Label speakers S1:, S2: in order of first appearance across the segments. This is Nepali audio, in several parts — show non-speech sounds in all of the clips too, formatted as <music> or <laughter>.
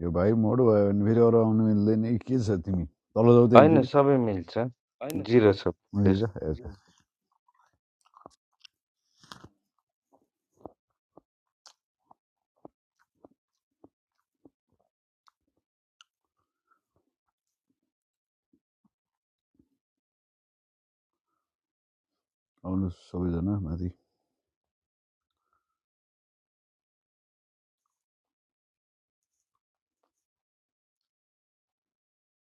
S1: यो भाइ मोड भयो भने फेरि अरू आउनु मिल्दैन कि के छ तिमी तल जाऊ त
S2: होइन
S1: एकचोटि
S2: सबै मिल्छ जिरो छ
S1: ए
S2: त्यस-
S1: जा हेर आउनु सबैजना माथि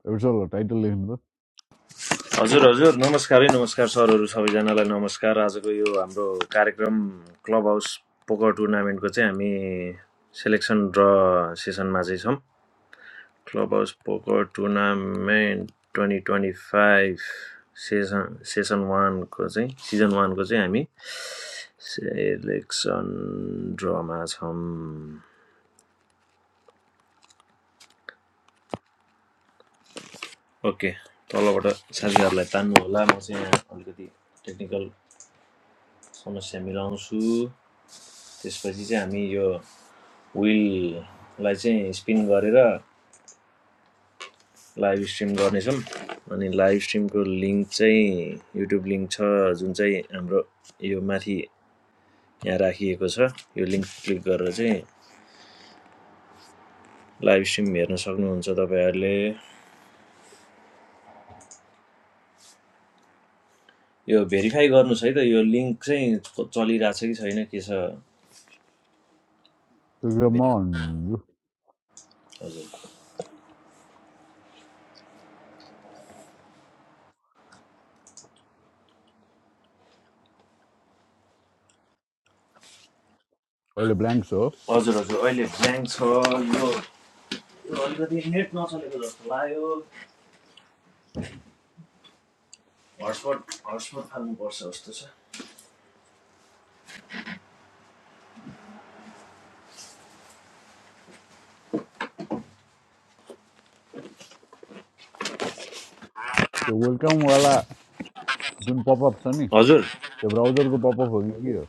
S1: एपिसोड टाइटल लेख्नु त
S3: हजुर हजुर नमस्कारै नमस्कार सरहरू सबैजनालाई नमस्कार आजको यो हाम्रो कार्यक्रम क्लब हाउस पोकर टुर्नामेन्टको चाहिँ हामी सेलेक्सन र सेसनमा चाहिँ छौँ club house poker tournament twenty twenty five session session वानको चाहिँ सिजन वानको चाहिँ हामी सेलेक्सन ड्रमा छौँ ओके तलबाट साथीहरूलाई तान्नु होला म चाहिँ यहाँ अलिकति टेक्निकल समस्या मिलाउँछु त्यसपछि चाहिँ हामी यो विललाई चाहिँ स्पिन गरेर लाइभ स्ट्रिम गर्नेछौँ अनि लाइभ स्ट्रिमको लिङ्क चाहिँ युट्युब लिङ्क छ जुन चाहिँ हाम्रो यो माथि यहाँ राखिएको छ यो लिङ्क क्लिक गरेर चाहिँ लाइभ स्ट्रिम हेर्न सक्नुहुन्छ तपाईँहरूले यो भेरिफाई गर्नुहोस् है त यो लिङ्क चाहिँ च- कि छैन के छ
S1: त्यो कुरा म भन्छु
S3: हजुर
S1: अहिले ब्ल्याङ्क छ हो
S3: हजुर हजुर अहिले ब्ल्याङ्क छ यो अलिकति नेट नचलेको जस्तो लाग्यो हटस्पट हटस्पट फाल्नुपर्छ जस्तो छ
S1: त्यो वेलकमवाला जुन पपअप छ नि
S3: हजुर
S1: त्यो ब्राउजरको पपअप हो कि के हो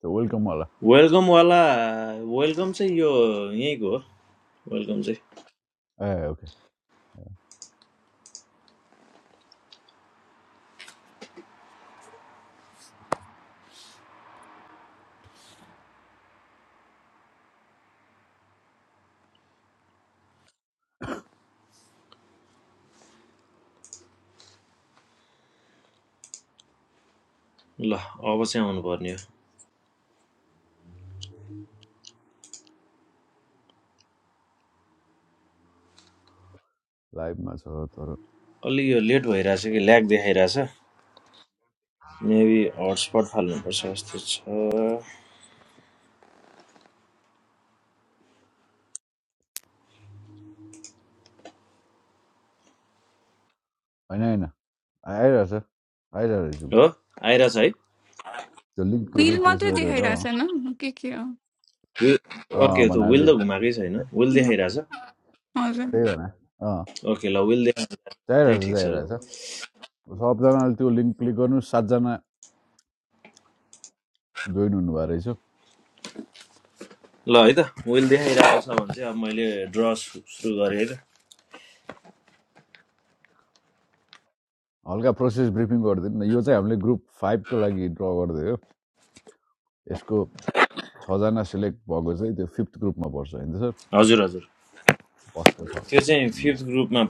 S1: त्यो वेलकमवाला
S3: वेलकम वाला, वेलकम चाहिँ यो यहीँको हो वेलकम चाहिँ
S1: ए ओके
S3: ल अब चाहिँ आउनुपर्ने हो
S1: लाइभमा छ तर
S3: अलि यो लेट भइरहेछ कि ल्याग देखाइरहेछ मेबी हटस्पट फाल्नुपर्छ जस्तो छ
S1: होइन होइन आइरहेछ आइरहेको
S3: हो आइरहेछ है
S1: त्यो लिङ्क
S4: विल
S1: रिफ्रेस
S4: मात्रै
S1: गऱ्यो
S4: देखाइरहेको छैन के के हो
S3: वि- ओके त्यो विल
S1: भन्नाले
S3: त घुमाएकै छैन विल
S4: उम्,
S3: देखाइरहेछ
S4: हजुर
S1: त्यही भन अँ
S3: ओके ल विल देखाएको चाहिँ
S1: चाहिरहेछ
S3: ठिक छ ल
S1: चाहिरहेछ सबजनाले त्यो लिङ्क क्लिक गर्नु सातजना जोइन हुनुभएको रहेछ
S3: ल है त विल देखाइरहेको छ भने चाहिँ अब मैले ड्र सुरु गरेँ है त
S1: हल्का प्रोसेस ब्रिफिङ गरिदिनु न यो चाहिँ हामीले ग्रुप फाइभ को लागि ड्र गरिदियो यसको छजना सिलेक्ट भएको चाहिँ त्यो फिफ्थ ग्रुपमा पर्छ होइन सर
S3: हजुर हजुर
S1: फर्स्टको छ
S3: त्यो चाहिँ
S1: उम्,
S3: फिफ्थ ग्रुपमा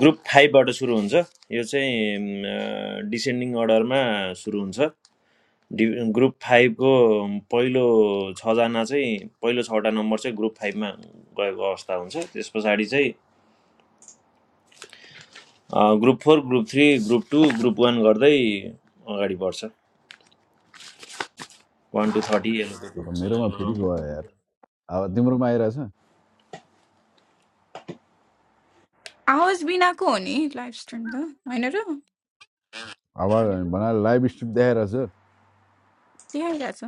S3: ग्रुप फाइभबाट सुरु हुन्छ यो चाहिँ डिसेन्डिङ अर्डरमा सुरु हुन्छ डि ग्रुप फाइभको पहिलो छजना चाहिँ पहिलो छवटा नम्बर चाहिँ ग्रुप फाइभमा गएको अवस्था हुन्छ त्यस पछाडि चाहिँ अ, group four group three group two group one गर्दै अगाडि बढ्छ वान टू थर्टी एलोपति
S1: तर मेरोमा
S3: हुन्छ
S1: फेरि गयो यार अब तिम्रोमा आइरहेछ
S4: आवाज बिनाको हो नि लाइभ स्ट्रिम त होइन र
S1: आवाज होइन, भनाएर लाइभ स्ट्रिम देखाइरहेछ ए
S4: देखाइरहेछ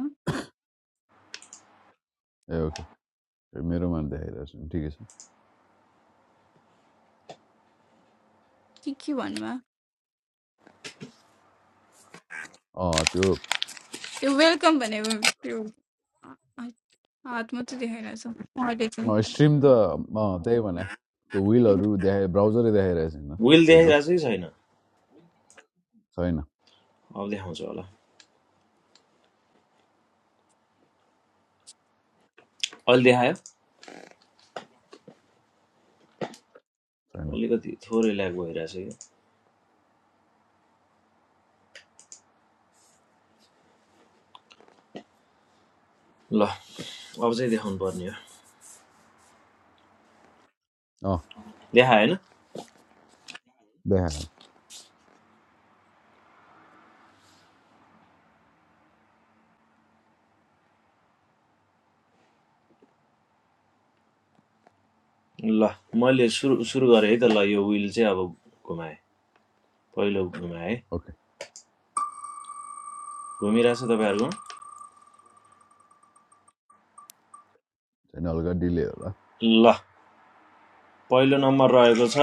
S1: ओके ए, मेरोमा देखाइरहेछ ठिकै छ
S4: के के भन्नुभयो
S1: अँ त्यो
S4: त्यो वेलकम भनेको त्यो हात हात मात्रै देखाइरहेछ अहिले चाहिँ
S1: स्ट्रिम त त्यही भने त्यो विलहरू देखाए ब्राउजरै देखाइरहेछ होइन
S3: विल
S1: एउटो
S3: देखाइरहेको चाहिँ छैन
S1: छैन
S3: अब देखाउँछ होला अहिले देखायो
S1: छैन
S3: अलिकति थोरै ल्याग भइरहेछ कि ल अब चाहिँ देखाउनु पर्ने हो
S1: अँ
S3: लेखा होइन
S1: देखायो
S3: ल मैले सुरु सुरु गरेँ है त ल यो विल चाहिँ अब घुमाएँ पहिलो घुमाएँ
S1: ओके
S3: घुमिरहेको छ तपाईँहरूकोमा
S1: छैन हल्का डिले होला
S3: ल पहिलो नम्बर रहेको छ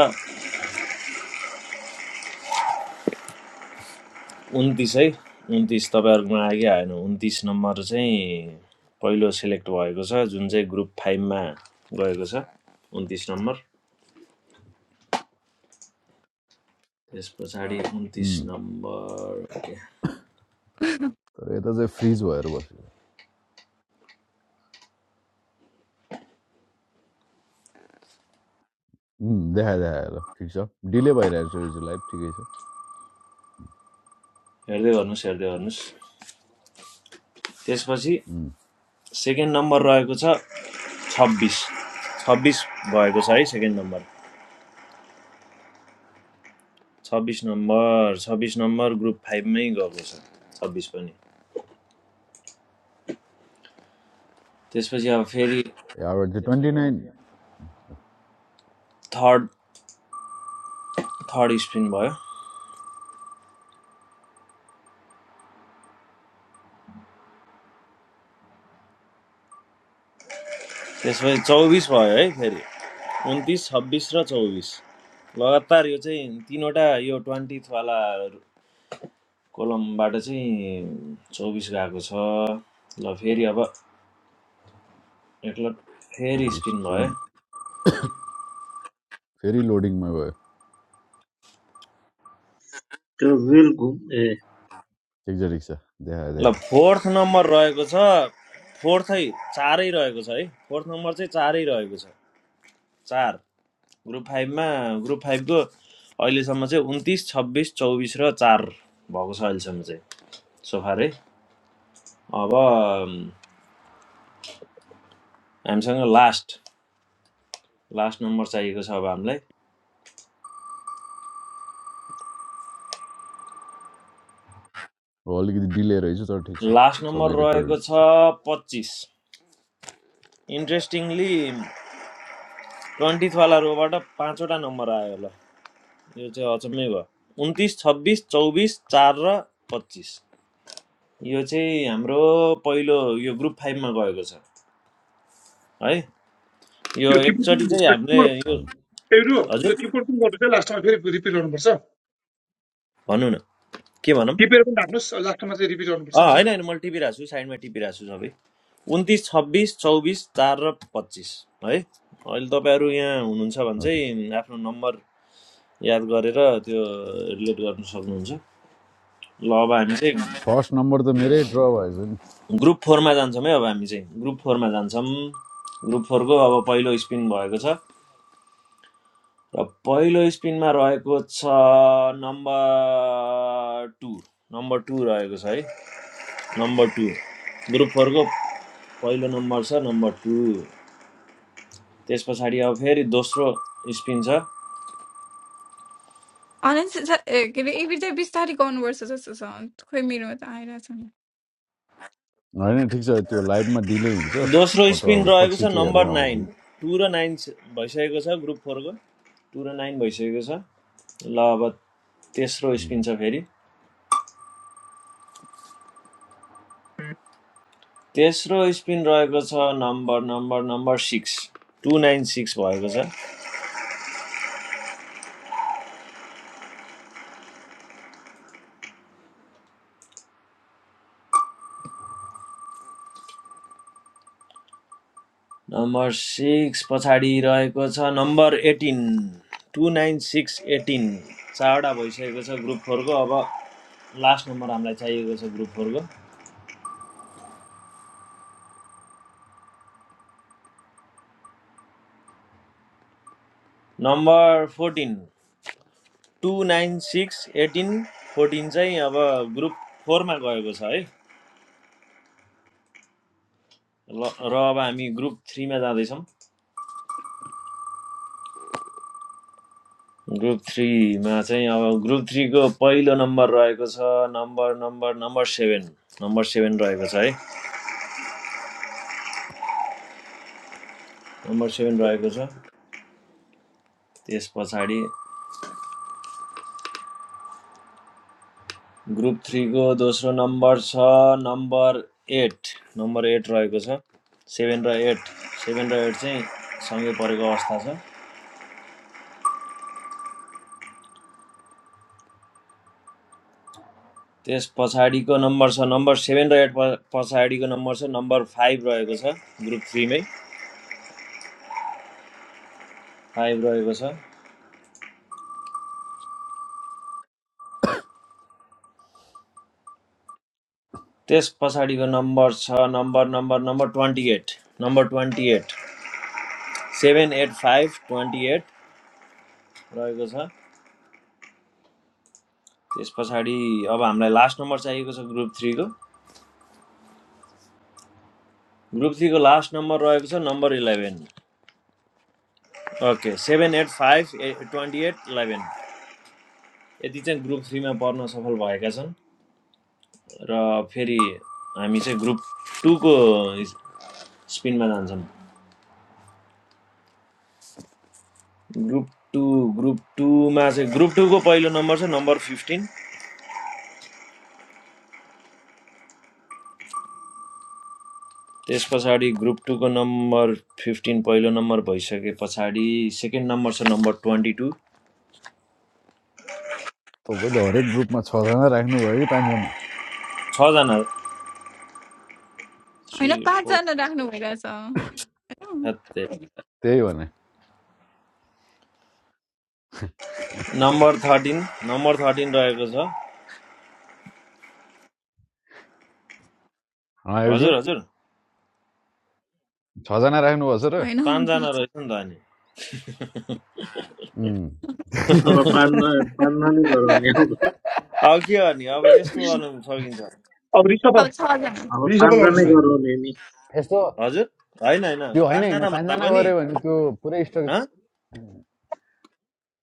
S3: उन्तिस है उन्तिस तपाईँहरूकोमा आयो आएन उन्तिस नम्बर चाहिँ पहिलो सिलेक्ट भएको छ जुन चाहिँ ग्रुप फाइभमा गएको छ उन्तिस नम्बर त्यस पछाडि उन्तिस नम्बर
S1: तर यता चाहिँ फ्रिज भएर बस्यो उम्, देखायो देखायो ल ठिक छ डिले भइरहेको छ यो चाहिँ लाइभ ठिकै छ
S3: हेर्दै गर्नुहोस् हेर्दै गर्नुहोस् त्यसपछि
S1: उम्,
S3: सेकेन्ड नम्बर रहेको छ छब्बिस छब्बिस भएको छ है सेकेन्ड नम्बर छब्बिस नम्बर छब्बिस नम्बर ग्रुप फाइभमै गएको छ छब्बिस पनि त्यसपछि अब फेरि
S1: यहाँबाट चाहिँ twenty nine
S3: third third spin भयो त्यसपछि चौबिस भयो है फेरि उन्तिस छब्बिस र चौबिस लगातार यो चाहिँ तिनवटा यो ट्वेन्टीवाला कोलमबाट चाहिँ चौबिस गएको छ ल फेरि अब एकल फेरि
S1: तपाईँको
S3: स्पिन
S1: स्ट्रिम
S3: भयो
S1: फेरि लोडिङमा गयो
S5: त्यो रेल घुम् ए
S1: ठिक छ ठिक छ देखायो
S3: ल
S1: देखायो
S3: फोर्थ नम्बर रहेको छ फोर्थै चारै रहेको छ है फोर्थ नम्बर चाहिँ चारै रहेको छ चार ग्रुप फाइभमा ग्रुप फाइभको अहिलेसम्म चाहिँ उन्तिस छब्बिस चौबिस र चार भएको छ अहिलेसम्म चाहिँ सोफारै अब अम, हामीसँग लास्ट लास्ट नम्बर चाहिएको छ अब हामीलाई
S1: हो अलिकति डिले रहेछ तर ठिक छ
S3: लास्ट
S1: सबै
S3: नम्बर
S1: रेकर्डेड
S3: रहेको
S1: छ
S3: छ पच्चिस इन्ट्रेस्टिङली ट्वेन्टिथवाला रोबाट पाँचवटा नम्बर आयो ल यो चाहिँ अचम्मै भयो उन्तिस छब्बिस चौबिस चार र पच्चिस यो चाहिँ हाम्रो पहिलो यो ग्रुप फाइभमा गएको छ है यो
S6: त्यो टिप्पो
S3: एकचोटि चाहिँ
S6: पनि- त्यो
S3: हामीले
S6: टिप्पो
S3: यो
S1: हजुर
S6: एउटो त्यो
S3: हजुर
S6: टिप्पो पनि गर्नु चाहिँ लास्टमा फेरि रिपिट गर्नुपर्छ
S3: भनौँ न के भनौँ
S6: टिपेर पनि राख्नुहोस् लास्टमा चाहिँ रिपिट गर्नुपर्छ नि
S3: अँ
S6: त
S3: होइन होइन मैले टिपिरहेको छु साइडमा टिपिरहेको छु सबै उन्तिस छब्बिस चौबिस चार र पच्चिस है अहिले तपाईँहरू यहाँ हुनुहुन्छ भने
S1: ओके
S3: चाहिँ आफ्नो नम्बर याद गरेर त्यो रिलेट गर्न सक्नुहुन्छ ल अब हामी चाहिँ
S1: फर्स्ट नम्बर त मेरै ड्र भएछ नि
S3: ग्रुप फोरमा जान्छौँ है अब हामी चाहिँ ग्रुप फोरमा जान्छौँ ग्रुप फोरको अब पहिलो स्पिन भएको छ र पहिलो स्पिनमा रहेको छ नम्बर टू नम्बर टू रहेको छ है नम्बर टू ग्रुप फोरको पहिलो नम्बर छ नम्बर टू त्यस पछाडि अब फेरि दोस्रो स्पिन छ
S4: अरेन्ज छ- ए, के अरे एबी चाहिँ बिस्तारै गर्नुपर्छ जस्तो छ खोइ मेरोमा त आइरहेछ नि
S1: होइन ठिक छ त्यो लाइभमा डिले हुन्छ
S3: दोस्रो
S1: अटो
S3: स्पिन
S1: आउँछ
S3: रहेको
S1: पछि
S3: छ
S1: चाहिँ हेर्दा
S3: नम्बर
S1: आउँछ
S3: नाइन
S1: उम्,
S3: टू र नाइन स- भइसकेको छ ग्रुप फोरको टू र नाइन भइसकेको छ ल अब तेस्रो स्पिन छ फेरि तेस्रो स्पिन रहेको छ number number number six two nine six भएको छ नम्बर सिक्स पछाडि रहेको छ number eighteen two nine six eighteen चारवटा भइसकेको छ ग्रुप फोरको अब लास्ट नम्बर हामीलाई चाहिएको छ ग्रुप फोरको number fourteen two nine six eighteen fourteen चाहिँ अब ग्रुप फोरमा गएको छ है र अब हामी ग्रुप थ्रीमा जाँदैछौँ ग्रुप थ्रीमा चाहिँ अब ग्रुप थ्रीको पहिलो नम्बर रहेको छ number number number seven number seven रहेको छ है नम्बर सेभेन रहेको छ त्यस पछाडि ग्रुप थ्रीको दोस्रो नम्बर छ नम्बर एट नम्बर एट रहेको छ सेभेन र एट सेभेन र एट चाहिँ सँगै परेको अवस्था छ त्यस पछाडिको नम्बर छ नम्बर सेभेन र एट पछाडिको नम्बर छ नम्बर फाइभ रहेको छ ग्रुप थ्रीमै फाइभ रहेको छ त्यस पछाडिको नम्बर छ number number number twenty eight number twenty eight seven eight five twenty eight रहेको छ त्यस पछाडि अब हामीलाई लास्ट नम्बर चाहिएको छ ग्रुप थ्रीको ग्रुप सी को लास्ट नम्बर रहेको छ number eleven okay seven eight five twenty eight eleven यति चाहिँ ग्रुप थ्री में पढ्न सफल भएका छन् र फेरि हामी चाहिँ ग्रुप टूको स्पिनमा जान्छौँ ग्रुप टू ग्रुप टूमा चाहिँ ग्रुप टूको पहिलो नम्बर छ नम्बर फिफ्टिन त्यस पछाडि ग्रुप टूको नम्बर फिफ्टिन पहिलो नम्बर भइसके पछाडि सेकेन्ड नम्बर छ नम्बर ट्वेन्टी टू
S1: तपाईँले हरेक ग्रुपमा छजना राख्नुभयो कि पाँचजना
S3: छजना
S4: होइन
S3: थ्री फोर
S4: पाँचजना राख्नु भइरहेछ
S1: त्यही भने
S3: नम्बर थर्टिन नम्बर थर्टिन रहेको छ
S1: एउटा
S3: हजुर हजुर
S1: छजना राख्नुभएको छ र
S4: होइन
S3: पाँचजना
S4: होइन
S3: रहेछ नि त अनि <laughs>
S1: उम्।
S5: अब
S3: अब
S5: पान्दा
S1: <laughs>
S5: पान्दा नै गराउने हो अब
S3: के गर्ने अब यस्तो गर्नु फर्किन्छ
S6: अब रिसफल
S4: अब छजना
S6: रिसफल
S5: पान्दा नै
S6: गर्नुहोस् फेरि
S5: गराउने नि
S1: यस्तो
S3: हजुर होइन होइन
S1: त्यो होइन होइन
S3: पाँचजना भन्दा
S1: पाँचजना
S3: पनि
S1: गऱ्यो भने त्यो पुरै
S3: हँ
S1: स्ट्रक्चर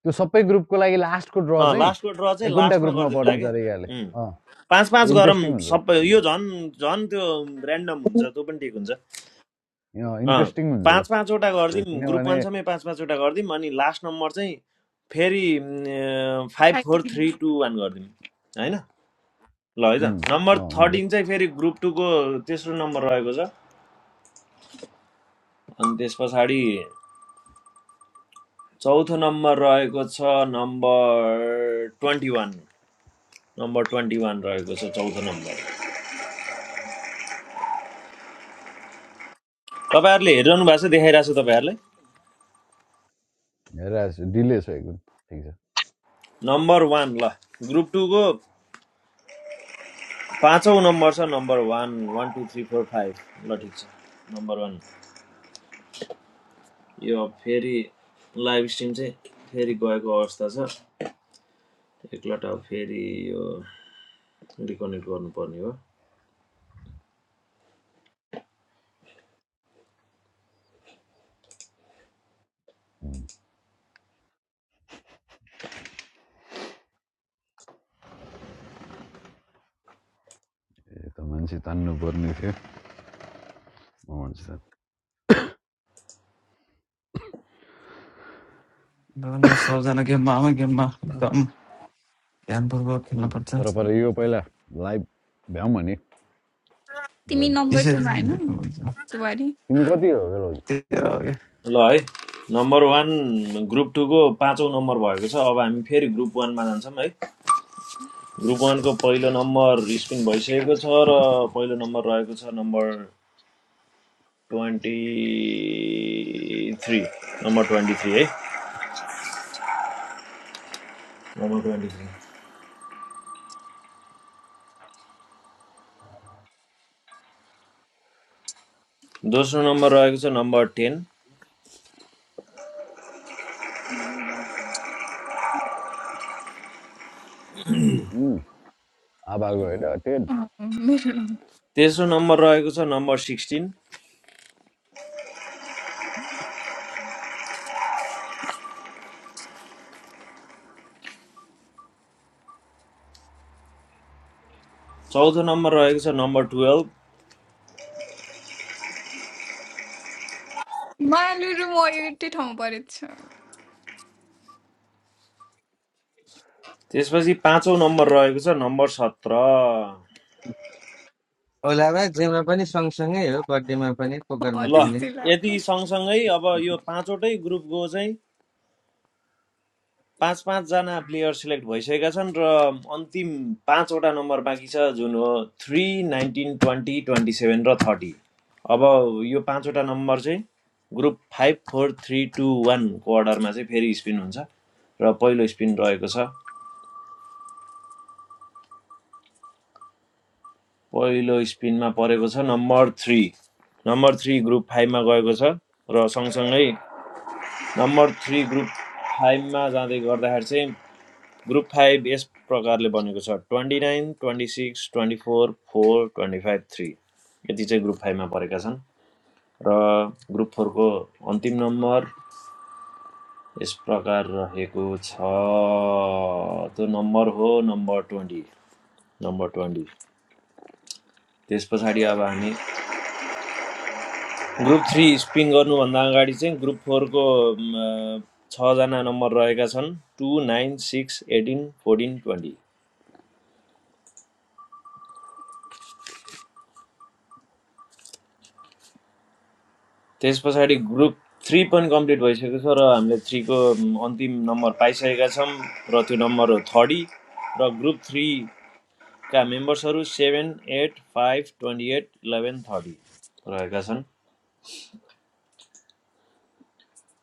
S1: त्यो सबै ग्रुपको लागि लास्टको ड्र
S3: अँ,
S1: चाहिँ
S3: लास्टको ड्र चाहिँ
S1: एकुन्टा
S3: लास्टमा
S1: ग्रुपमा
S3: गरिदिउँला
S1: पर्ने
S3: कि
S1: तरिकाले
S3: उम्,
S1: अँ
S3: पाँच पाँच
S1: त्यो
S3: गरौँ
S1: इन्ट्रेस्टिङ हुन्छ
S3: सबै
S1: उम्,
S3: यो झन् झन् त्यो ऱ्यान्डम हुन्छ त्यो पनि ठिक हुन्छ
S1: अँ
S3: अँ,
S1: इन्ट्रेस्टिङ हुन्छ ल
S3: पाँच पाँचवटा
S1: त्यो
S3: गरिदिउँ ग्रुप
S1: किनभने
S3: वानसम्मै पाँच पाँचवटा गरिदिउँ अनि लास्ट नम्बर चाहिँ फेरि फाइभ फोर
S4: आइपुग्यो।
S3: थ्री टू वान गरिदिउँ होइन ल है
S1: उम्,
S3: त नम्बर
S1: अँ हुन्छ
S3: थर्टिन चाहिँ फेरि ग्रुप टूको तेस्रो नम्बर रहेको छ अनि त्यस पछाडि चौथो नम्बर रहेको छ number twenty one number twenty one रहेको छ चौथो नम्बर तपाईँहरूले हेरिरहनु भएको छ देखाइरहेको छु तपाईँहरूलाई
S1: हेरेर छु डिले छ एकदम ठिक छ
S3: नम्बर वान ल ग्रुप टूको पाँचौँ नम्बर छ number one one two three four five ल ठिक छ नम्बर वान यो फेरि लाइभ स्ट्रिम चाहिँ फेरि गएको अवस्था छ एकलट फेरि यो रिकनेक्ट गर्नुपर्ने हो
S1: उम्, ए त मान्छे तान्नु पर्ने थियो अँ, हुन्छ त।
S7: ल ल सबजना गेममा आमा गेममा एकदम ध्यानपूर्वक
S1: उम्,
S7: खेल्नुपर्छ
S1: तर पर यो पहिला लाइभ भ्याउँ भने
S4: तिमी
S1: बेलौदी
S4: नम्बर
S7: त्यसरी
S4: टूमा
S7: नै
S4: होइन
S7: जित्नुहुन्छ
S4: सुवारी
S1: तिमी कति हो बेलौदी
S7: त्यही हो क्या।
S3: ल है नम्बर वान ग्रुप टूको पाँचौँ नम्बर भएको छ अब हामी फेरि ग्रुप वानमा जान्छौँ है ग्रुप वानको पहिलो नम्बर स्पिन भइसकेको छ र पहिलो नम्बर रहेको छ number twenty three number twenty three है नम्बर ट्वेन्टी थ्री दोस्रो नम्बर रहेको छ नम्बर टेन
S4: अँ,
S1: उम्, आभाको होइन टेन
S4: मेरो नम्बर
S3: तेस्रो नम्बर रहेको छ नम्बर सिक्सटिन चौथो नम्बर रहेको छ नम्बर टुवेल्भ
S4: मैले र म एउटै ठाउँमा परेको छु
S3: त्यसपछि पाँचौँ नम्बर रहेको छ नम्बर सत्र
S2: ओलामा जेमा पनि सँगसँगै हो बर्थडेमा पनि
S4: हो
S2: पोकरमा
S3: ल
S2: पनि
S4: त्यस्तै
S3: यति
S4: लाग्छ
S3: सँगसँगै अब यो पाँचवटै ग्रुपको चाहिँ पाँच पाँच पाँचजना प्लेयर सिलेक्ट भइसकेका छन् र अन्तिम पाँचवटा नम्बर बाँकी छ जुन हो three nineteen twenty twenty seven र थर्टी अब यो पाँचवटा नम्बर चाहिँ group five four three two वानको अर्डरमा चाहिँ फेरि स्पिन हुन्छ र पहिलो स्पिन रहेको छ पहिलो स्पिनमा परेको छ number three number three group फाइभमा गएको छ र सँगसँगै नम्बर थ्री ग्रुप फाइभमा जाँदै गर्दाखेरि चाहिँ ग्रुप फाइभ यस प्रकारले बनेको छ twenty nine twenty six twenty four four twenty five three यति चाहिँ ग्रुप फाइभमा परेका छन् र ग्रुप फोरको अन्तिम नम्बर यस प्रकार रहेको छ त्यो नम्बर हो नम्बर ट्वेन्टी नम्बर ट्वेन्टी त्यस पछाडि अब हामी ग्रुप थ्री स्पिन गर्नुभन्दा अगाडि चाहिँ ग्रुप फोरको छजना नम्बर रहेका छन् two nine six eighteen fourteen twenty त्यस पछाडि ग्रुप थ्री पनि कम्प्लिट भइसकेको छ र हामीले थ्रीको अन्तिम नम्बर पाइसकेका छौँ र त्यो नम्बर हो थर्डी र ग्रुप थ्रीका मेम्बर्सहरू seven eight five twenty eight eleven thirty रहेका छन्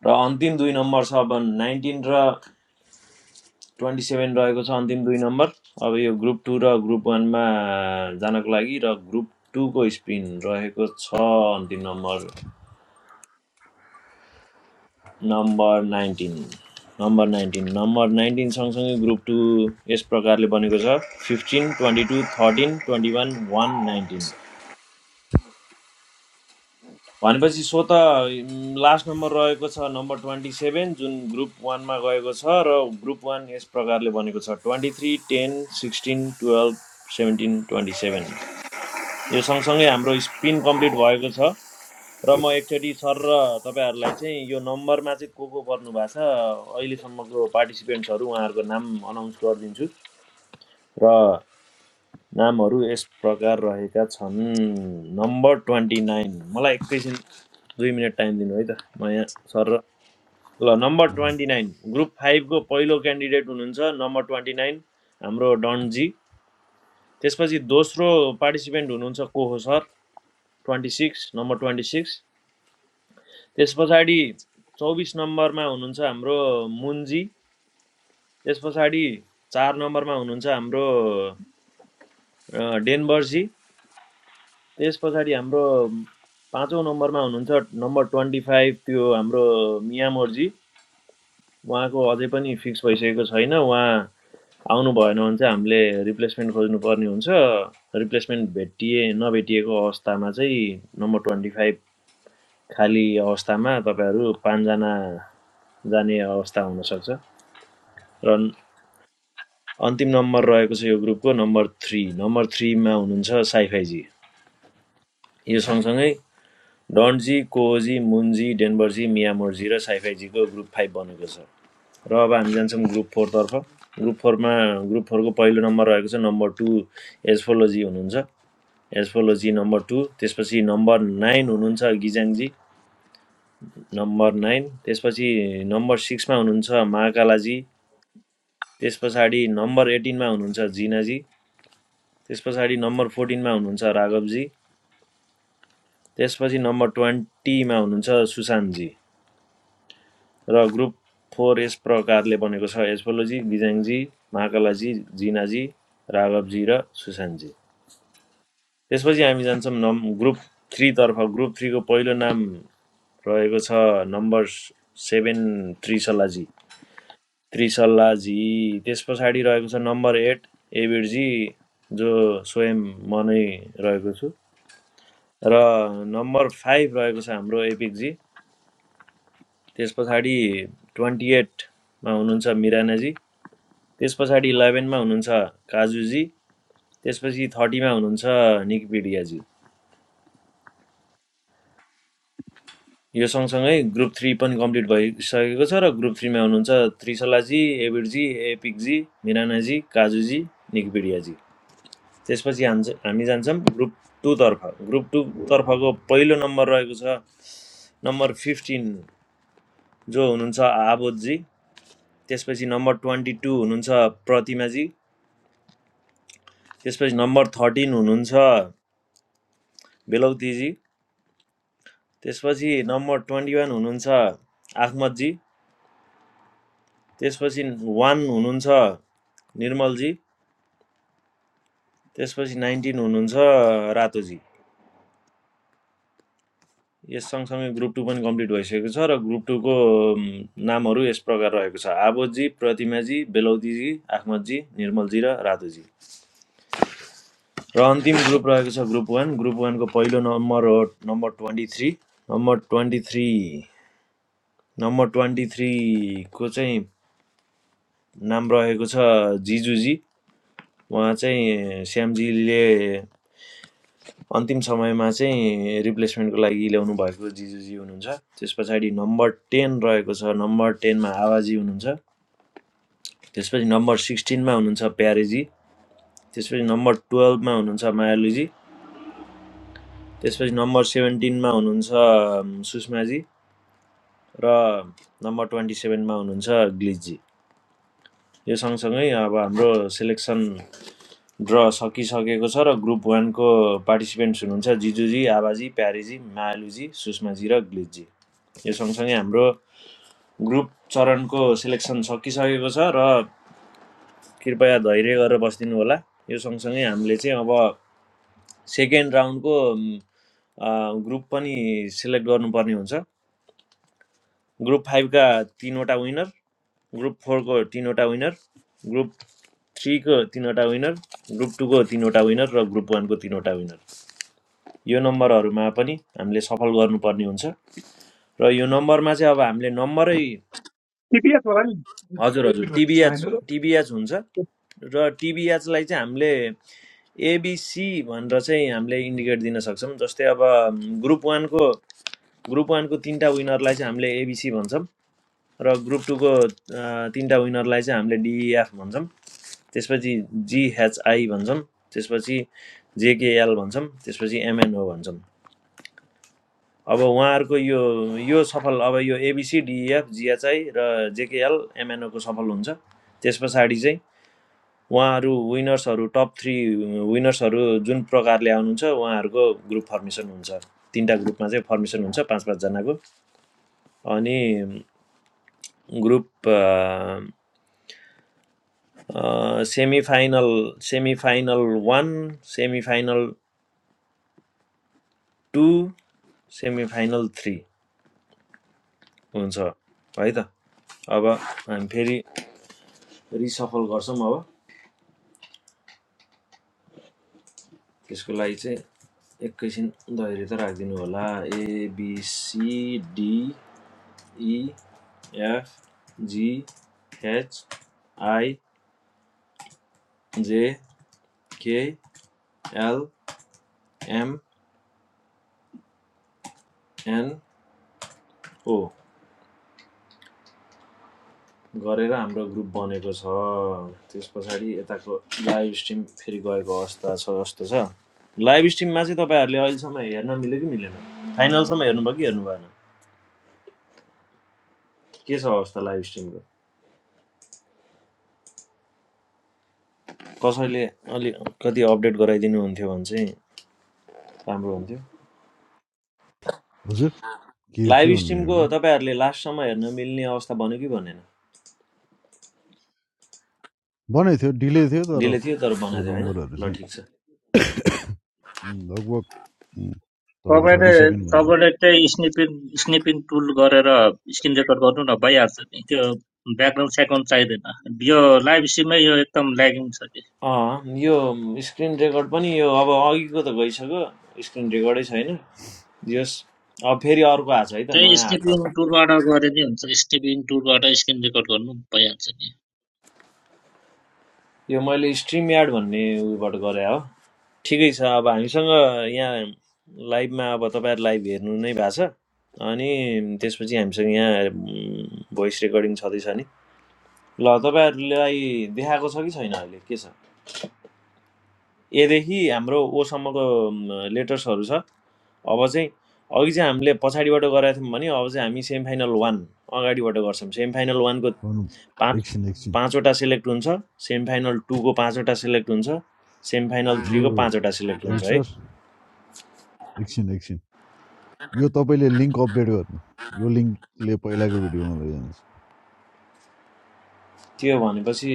S3: र अन्तिम दुई नम्बर छ अब नाइन्टिन र ट्वेन्टी सेभेन रहेको छ अन्तिम दुई नम्बर अब यो ग्रुप टू र ग्रुप वानमा जानको लागि र ग्रुप टूको स्पिन रहेको छ अन्तिम number number nineteen number nineteen number nineteen सँगसँगै ग्रुप टू यस प्रकारले बनेको छ fifteen twenty two thirteen twenty one one nineteen भनेपछि सो त लास्ट नम्बर रहेको छ नम्बर ट्वेन्टी सेभेन जुन ग्रुप वानमा गएको छ र ग्रुप वान यस प्रकारले बनेको छ twenty three ten sixteen twelve seventeen twenty seven यो सँगसँगै हाम्रो स्पिन कम्प्लिट भएको छ र म एकचोटि सर र तपाईँहरूलाई चाहिँ यो नम्बरमा चाहिँ को को पर्नु भएको छ अहिलेसम्मको पार्टिसिपेन्ट्सहरू उहाँहरूको नाम अनाउन्स गरिदिन्छु र नामहरू यस प्रकार रहेका छन् नम्बर ट्वेन्टी नाइन मलाई एकैछिन दुई मिनट टाइम दिनु है त म यहाँ सर र ल नम्बर ट्वेन्टी नाइन ग्रुप फाइभको पहिलो क्यान्डिडेट हुनुहुन्छ नम्बर ट्वेन्टी नाइन हाम्रो डनजी त्यसपछि दोस्रो पार्टिसिपेन्ट हुनुहुन्छ को हो sir twenty six number twenty six त्यस पछाडि 24 नम्बरमा हुनुहुन्छ हाम्रो मुन्जी, त्यस पछाडि 4 नम्बरमा हुनुहुन्छ हाम्रो डेनबर्जी, त्यस पछाडि हाम्रो पाँचौँ नम्बरमा हुनुहुन्छ नम्बर 25 त्यो हाम्रो मियामोर्जी, उहाँको अझै पनि फिक्स भइसकेको छैन, उहाँ आउनु भएन भने चाहिँ हामीले रिप्लेसमेन्ट खोज्नुपर्ने हुन्छ रिप्लेसमेन्ट भेटिए नभेटिएको अवस्थामा चाहिँ नम्बर ट्वेन्टी फाइभ खाली अवस्थामा तपाईँहरू पाँचजना जाने अवस्था हुनसक्छ र अन्तिम नम्बर रहेको छ यो ग्रुपको नम्बर थ्री नम्बर थ्रीमा हुनुहुन्छ साइफाइजी यो सँगसँगै डन्जी कोजी मुन्जी डेनबर्जी मियामोर्जी र साइफाइजीको ग्रुप फाइभ बनेको छ र अब हामी जान्छौँ ग्रुप फोरतर्फ ग्रुप फोरमा ग्रुप फोरको पहिलो नम्बर रहेको छ नम्बर टू एस्फोलोजी हुनुहुन्छ एस्फोलोजी नम्बर टू त्यसपछि नम्बर नाइन हुनुहुन्छ गिजाङजी नम्बर नाइन त्यसपछि नम्बर सिक्समा हुनुहुन्छ महाकालाजी त्यस पछाडि नम्बर एटिनमा हुनुहुन्छ जिनाजी त्यस पछाडि नम्बर फोर्टिनमा हुनुहुन्छ राघव जी, त्यसपछि नम्बर ट्वेन्टीमा हुनुहुन्छ सुशान्तजी र ग्रुप फोर यस प्रकारले बनेको छ एस्पोलोजी गिजाङजी महाकलाजी जिनाजी राघवजी र सुशान्तजी त्यसपछि हामी जान्छौँ नम् ग्रुप थ्रीतर्फ ग्रुप थ्रीको पहिलो नाम रहेको छ नम्बर सेभेन त्रिसल्लाजी त्रिसल्लाजी त्यस पछाडि रहेको छ नम्बर एट एबिरजी जो स्वयं म नै रहेको छु र नम्बर फाइभ रहेको छ हाम्रो एपिकजी त्यस पछाडि ट्वेन्टी एटमा हुनुहुन्छ मिरानाजी त्यस पछाडि इलेभेनमा हुनुहुन्छ काजुजी त्यसपछि थर्टीमा हुनुहुन्छ निकिपिडियाजी यो सँगसँगै ग्रुप थ्री पनि कम्प्लिट भइसकेको छ र ग्रुप थ्रीमा हुनुहुन्छ त्रिशलाजी एबिरजी एपिकजी मिरानाजी काजुजी निकिपिडियाजी त्यसपछि हान्छ हामी जान्छौँ ग्रुप टूतर्फ ग्रुप टूतर्फको पहिलो नम्बर रहेको छ नम्बर फिफ्टिन जो हुनुहुन्छ आबोधजी त्यसपछि नम्बर ट्वेन्टी टू हुनुहुन्छ प्रतिमाजी त्यसपछि नम्बर थर्टिन हुनुहुन्छ बेलौतीजी त्यसपछि नम्बर ट्वेन्टी वान हुनुहुन्छ आखमतजी त्यसपछि वान हुनुहुन्छ निर्मलजी त्यसपछि नाइन्टिन हुनुहुन्छ रातोजी यस सँगसँगै ग्रुप टू पनि कम्प्लिट भइसकेको छ र ग्रुप टूको नामहरू यस प्रकार रहेको छ आबोधजी प्रतिमाजी बेलौतीजी आखमतजी निर्मलजी र रातोजी र अन्तिम ग्रुप रहेको छ ग्रुप वान ग्रुप वानको पहिलो नम्बर हो number twenty three number twenty three number twenty थ्रीको चाहिँ नाम रहेको छ जिजुजी उहाँ चाहिँ श्यामजीले अन्तिम समयमा चाहिँ रिप्लेसमेन्टको लागि ल्याउनु भएको जिजुजी हुनुहुन्छ त्यस पछाडि नम्बर टेन रहेको छ नम्बर टेनमा आवाजी हुनुहुन्छ त्यसपछि नम्बर सिक्सटिनमा हुनुहुन्छ प्यारेजी त्यसपछि नम्बर टुवेल्भमा हुनुहुन्छ मायालुजी त्यसपछि नम्बर सेभेन्टिनमा हुनुहुन्छ सुषमाजी र नम्बर ट्वेन्टी सेभेनमा हुनुहुन्छ ग्लिजी यो सँगसँगै अब हाम्रो सेलेक्सन ड्र सकिसकेको छ र ग्रुप वन को पार्टिसिपेन्ट्स हुनुहुन्छ जिजुजी आबाजी प्यारेजी मायालुजी सुषमाजी र ग्लिजी यो सँगसँगै हाम्रो ग्रुप चरणको सेलेक्सन सकिसकेको छ र कृपया धैर्य गरेर बसिदिनु होला यो सँगसँगै हामीले चाहिँ अब सेकेन्ड राउन्डको ग्रुप पनि सिलेक्ट गर्नुपर्ने हुन्छ ग्रुप फाइभका तिनवटा विनर ग्रुप फोरको तिनवटा विनर ग्रुप थ्रीको तिनवटा विनर ग्रुप टूको तिनवटा विनर र ग्रुप वानको तिनवटा विनर यो नम्बरहरूमा पनि हामीले सफल गर्नुपर्ने हुन्छ र यो नम्बरमा चाहिँ अब हामीले नम्बरै
S6: टिपिएस होला नि
S3: हजुर हजुर
S6: रिपिट हो त्यसमा
S3: टिबिएच
S6: होइन र
S3: टिबिएच हुन्छ र टिबिएचलाई चाहिँ हामीले एबिसी भनेर चाहिँ हामीले इन्डिकेट दिन सक्छौँ जस्तै अब ग्रुप वानको ग्रुप वानको तिनवटा विनरलाई चाहिँ हामीले एबिसी भन्छौँ र ग्रुप टूको तिनवटा विनरलाई चाहिँ हामीले डिइएफ भन्छौँ त्यसपछि जिएचआई भन्छौँ त्यसपछि जेकेएल भन्छौँ त्यसपछि एमएनओ भन्छौँ अब उहाँहरूको यो यो सफल अब यो एबिसी डिइएफ जिएचआई र जेकेएल एमएनओको सफल हुन्छ त्यस पछाडि चाहिँ उहाँहरू विनर्सहरू टप थ्री विनर्सहरू जुन प्रकारले आउनुहुन्छ उहाँहरूको ग्रुप फर्मेसन हुन्छ तिनवटा ग्रुपमा चाहिँ फर्मेसन हुन्छ पाँच पाँचजनाको अनि group semi final semi final one semi final two semi final three हुन्छ है त अब हामी फेरि रिसफल गर्छौँ अब त्यसको लागि चाहिँ एकैछिन धैर्य त राखिदिनु होला एबिसिडिइएफजिएचआइजेकेएलएमएनओ गरेर हाम्रो ग्रुप बनेको छ त्यस पछाडि यताको लाइभ स्ट्रिम फेरि गएको अवस्था छ जस्तो छ लाइभ स्ट्रिममा चाहिँ तपाईँहरूले अहिलेसम्म हेर्न मिल्यो कि मिलेन फाइनलसम्म हेर्नुभयो कि हेर्नु भएन के छ अवस्था लाइभ स्ट्रिमको कसैले अलि कति अपडेट गराइदिनु हुन्थ्यो भने चाहिँ राम्रो हुन्थ्यो
S1: हजुर के के
S3: लाइभ
S1: भन्नुभयो
S3: स्ट्रिमको
S1: ब्रो?
S3: तपाईँहरूले लास्टसम्म हेर्न मिल्ने अवस्था बन्यो कि भनेन
S1: बनाएको थियो डिले थियो तर
S3: डिले थियो तर
S1: त्यो
S3: बनाएको थियो होइन
S1: नम्बरहरू
S3: ल
S1: चाहिँ
S3: ठिक छ
S1: उम्, लगभग उम्, तपाईँले
S5: तपाईँले
S1: थर्टी सेकेन्ड भन्नु
S5: तपाईँले त्यही स्निपिङ स्निपिङ टुल गरेर स्क्रिन रेकर्ड गर्नु न भइहाल्छ नि त्यो ब्याकग्राउन्ड सेकन्ड चाहिँदैन यो लाइभ स्ट्रिममै यो एकदम ल्यागिङ छ कि
S3: अँ यो स्क्रिन रेकर्ड पनि यो अब अघिको त गइसक्यो स्क्रिन रेकर्डै छैन यस अब फेरि अर्को आएको छ है त
S5: त्यही
S3: नयाँ आएको
S5: स्निपिङ
S3: छ
S5: टुलबाट गरे नि हुन्छ स्निपिङ टुलबाट स्क्रिन रेकर्ड गर्नु भइहाल्छ नि
S3: यो मैले स्ट्रिम यार्ड भन्ने उबाट गरे हो ठिकै छ अब हामीसँग यहाँ लाइभमा अब तपाईँहरू लाइभ हेर्नु नै भएको छ अनि त्यसपछि हामीसँग यहाँ भोइस रेकर्डिङ छँदैछ नि ल तपाईँहरूलाई देखाएको छ कि छैन अहिले के छ एदेखि हाम्रो ओसम्मको लेटर्सहरू छ अब चाहिँ अघि चाहिँ हामीले पछाडिबाट गराएको थियौँ भने अब चाहिँ हामी सेमी फाइनल वान अगाडिबाट गर्छौँ सेमी फाइनल
S1: गर्नु
S3: पाँच
S1: एकछिन एकछिन
S3: पाँचवटा सिलेक्ट हुन्छ सेमी फाइनल टूको पाँचवटा सिलेक्ट हुन्छ सेमी फाइनल
S1: यो
S3: थ्रीको पाँचवटा सिलेक्ट हुन्छ
S1: डेभिड
S3: है
S1: सर एकछिन एकछिन यो तपाईँले लिङ्क अपडेट गर्नु यो लिङ्कले पहिलाको भिडियोमा लैजान्छ
S3: त्यो भनेपछि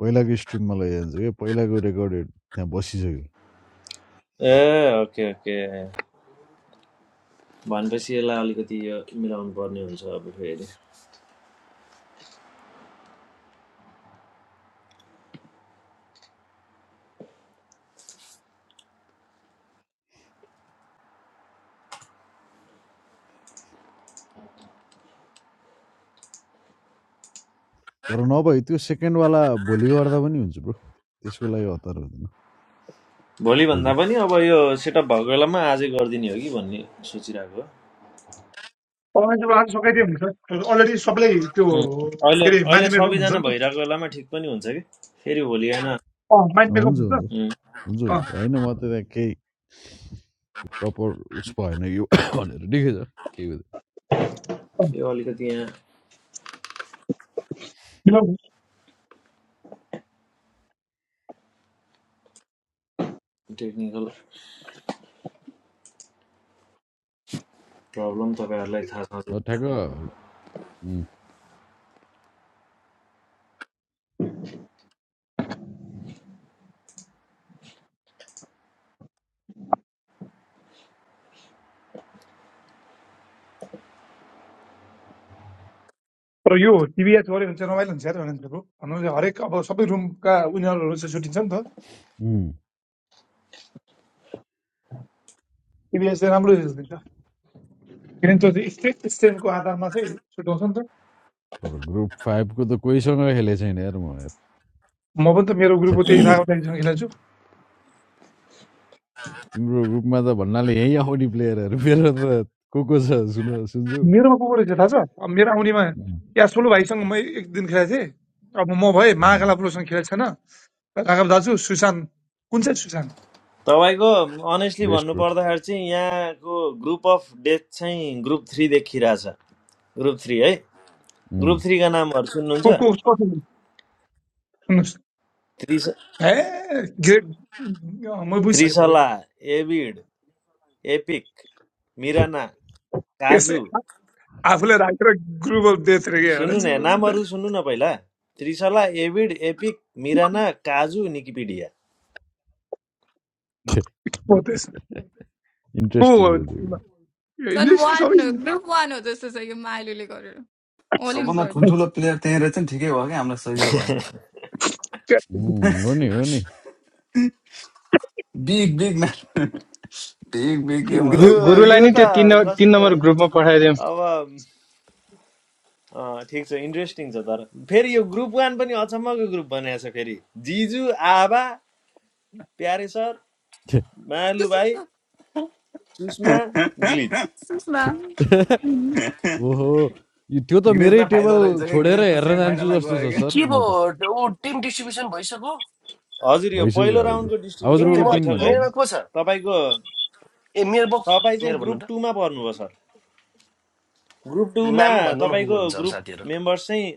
S1: पहिलाको स्ट्रिममा लैजान्छ क्या पहिलाको रेकर्डेड त्यहाँ बसिसक्यो
S3: ए ओके ओके भनेपछि यसलाई अलिकति यो मिलाउनु पर्ने हुन्छ अब फेरि
S1: तर नभए त्यो सेकेन्डवाला भोलि गर्दा पनि हुन्छ ब्रो त्यसको लागि हतार हुँदैन
S3: भोलि भन्दा
S1: एउटा
S3: पनि अब यो सेटअप भएको बेलामा आजै गरिदिने हो कि भन्ने सोचिरहेको हो
S6: अनलाइनबाट आज सकाइदियो हुन्छ अलरेडी सबैलाई त्यो
S3: उम्, अहिले
S6: के अरे
S3: अहिले
S6: माइन्ड मेकअप हुन्छ
S3: सबैजना
S6: नि त
S3: भइरहेको बेलामा ठिक पनि हुन्छ कि फेरि भोलि होइन
S6: अँ माइन्ड मेकअप
S1: हुन्छ हुन्छ
S6: हुन्छ
S3: उम्,
S1: हुन्छ
S6: अँ
S1: हुन्छ होइन म त त्यहाँ केही प्रपर उस भएन यो <coughs> भनेर ठिकै छ केही
S6: अँ,
S3: यो अलिकति यहाँ
S6: मिलाउनु
S3: टेक्निकल प्रब्लम तपाईँहरूलाई थाहा छ
S1: हो ठ्याक्क उम्,
S6: तर यो टिभीएच गऱ्यो भने चाहिँ रमाइलो हुन्छ यार भनेर ब्रो भन्नु चाहिँ हरेक अब सबै रुमका उनीहरू चाहिँ छुट्टिन्छ नि त
S1: उम्,
S6: टिभीएच चाहिँ राम्रो रिजल्ट दिन्छ किनभने त्यो स्टेट स्टेटको आधारमा चाहिँ छुट्याउँछ नि त
S1: तर ग्रुप फाइभको त कोहीसँग खेलेको छैन यार म यार
S6: म पनि त मेरो
S1: छ्या,
S6: ग्रुपको त्यही राघव दाईसँग खेलेको छु
S1: तिम्रो ग्रुपमा त भन्नाले यहीँ आउने प्लेयरहरू मेरो त को को छ सुन सुन्छु
S6: मेरोमा को को रहेछ थाहा छ अब मेरो आउनेमा
S1: उम्,
S6: या ठुलो भाइसँग म एक दिन खेलेको थिएँ अब म भए
S1: उम्,
S6: महाकाला प्रोसँग खेलेको छैन राघव दाजु सुशान्त कुन चाहिँ सुशान्त
S3: तपाईँको अनेस्टली
S1: बेस्ट
S3: भन्नु
S1: ब्रो
S3: पर्दाखेरि चाहिँ यहाँको ग्रुप अफ डेथ चाहिँ ग्रुप थ्री देखिरहेछ ग्रुप थ्री है ग्रुप
S1: उम्,
S3: थ्रीका नामहरू सुन्नुहुन्छ
S6: को को कसको सुन्नुहोस्
S3: त्रिस
S6: ए ग्रेट अँ, म बुझिसकेँ
S3: त्रिसला
S6: तपाईँको
S3: एभिड एपिक
S1: खे,
S3: मिराना
S6: यसै
S3: काजु
S6: आ- आफूले राखेर ग्रुप अफ डेथ रे क्या हाल्नु
S3: सुन्नु न
S6: सुरु
S3: यहाँ
S6: गर्दा।
S3: नामहरू सुन्नु न पहिला त्रिसला एभिड एपिक मिराना काजु निकिपिडिया
S1: खे,
S6: हो त्यसमा को
S1: इन्ट्रेस्टिङ
S6: हो
S1: छ त्यो ग्रुप
S6: यो
S4: झन्
S6: इन्जेक्सन
S4: वान
S6: सबै
S4: हो ग्रुप वान हो जस्तो छ यो मालुले गरेर अल इन
S7: सबभन्दा
S4: गरिदिन्छ
S7: ठुल्ठुलो प्लेयर त्यहीँ रहेछ नि ठिकै भयो क्या हामीलाई सजिलो भयो
S1: उम्, हो नि हो नि
S7: big big match big big गेमहरू
S8: गु-
S3: यो
S7: त्यहाँ
S8: गुरुलाई
S3: यो
S8: नि
S7: रहेछन्
S8: त्यो
S7: ल।
S3: त
S8: तीन नम्बर- तिन
S3: कस्तो
S8: नम्बर
S3: है
S8: ग्रुपमा पठाइदिउँ
S3: अब अँ, ठिक छ इन्ट्रेस्टिङ छ तर फेरि यो ग्रुप वान पनि अचम्मको ग्रुप बनाएको छ फेरि जिजु आबा प्यारे सर
S1: खे,
S3: मायालु भाइ
S4: सुषमा
S3: सुषमा ग्लिच
S4: सुषमा
S1: खे। <laughs>
S4: उम्,
S1: ओहो यो त्यो त मेरै
S7: ग्रिजलाई फाइदा
S1: टेबल
S7: रहेछ क्या
S1: छोडेर
S7: ग्रिज त
S1: हेरेर
S7: सेमी
S1: जान्छु
S7: फाइनलमा
S1: जस्तो
S7: गयो
S1: छ
S9: ए
S7: क्या
S1: सर
S9: के पो
S1: म त
S9: ऊ टिम डिस्ट्रिब्युसन भइसक्यो
S3: हजुर यो
S1: भइसक्यो
S3: पहिलो
S1: अब
S3: राउन्डको
S1: ध्रुव अब
S9: ए
S3: डिस्ट्रिब्युसन
S1: ध्रुवको
S3: चाहिँ
S9: म
S1: टिम
S3: भइसक्यो है
S1: भन्दिनँ
S9: मेरोमा को छ
S3: तपाईँको
S9: ए मेरो बक
S3: तपाईँ चाहिँ
S9: मेरो भन्नु
S3: ग्रुप
S9: त
S3: टूमा पर्नुभयो सर ग्रुप टूमा
S9: नाम भन्नु न को को
S3: तपाईँको
S9: हुन्छ अरू
S3: ग्रुप
S9: साथीहरू
S3: मेम्बर्स चाहिँ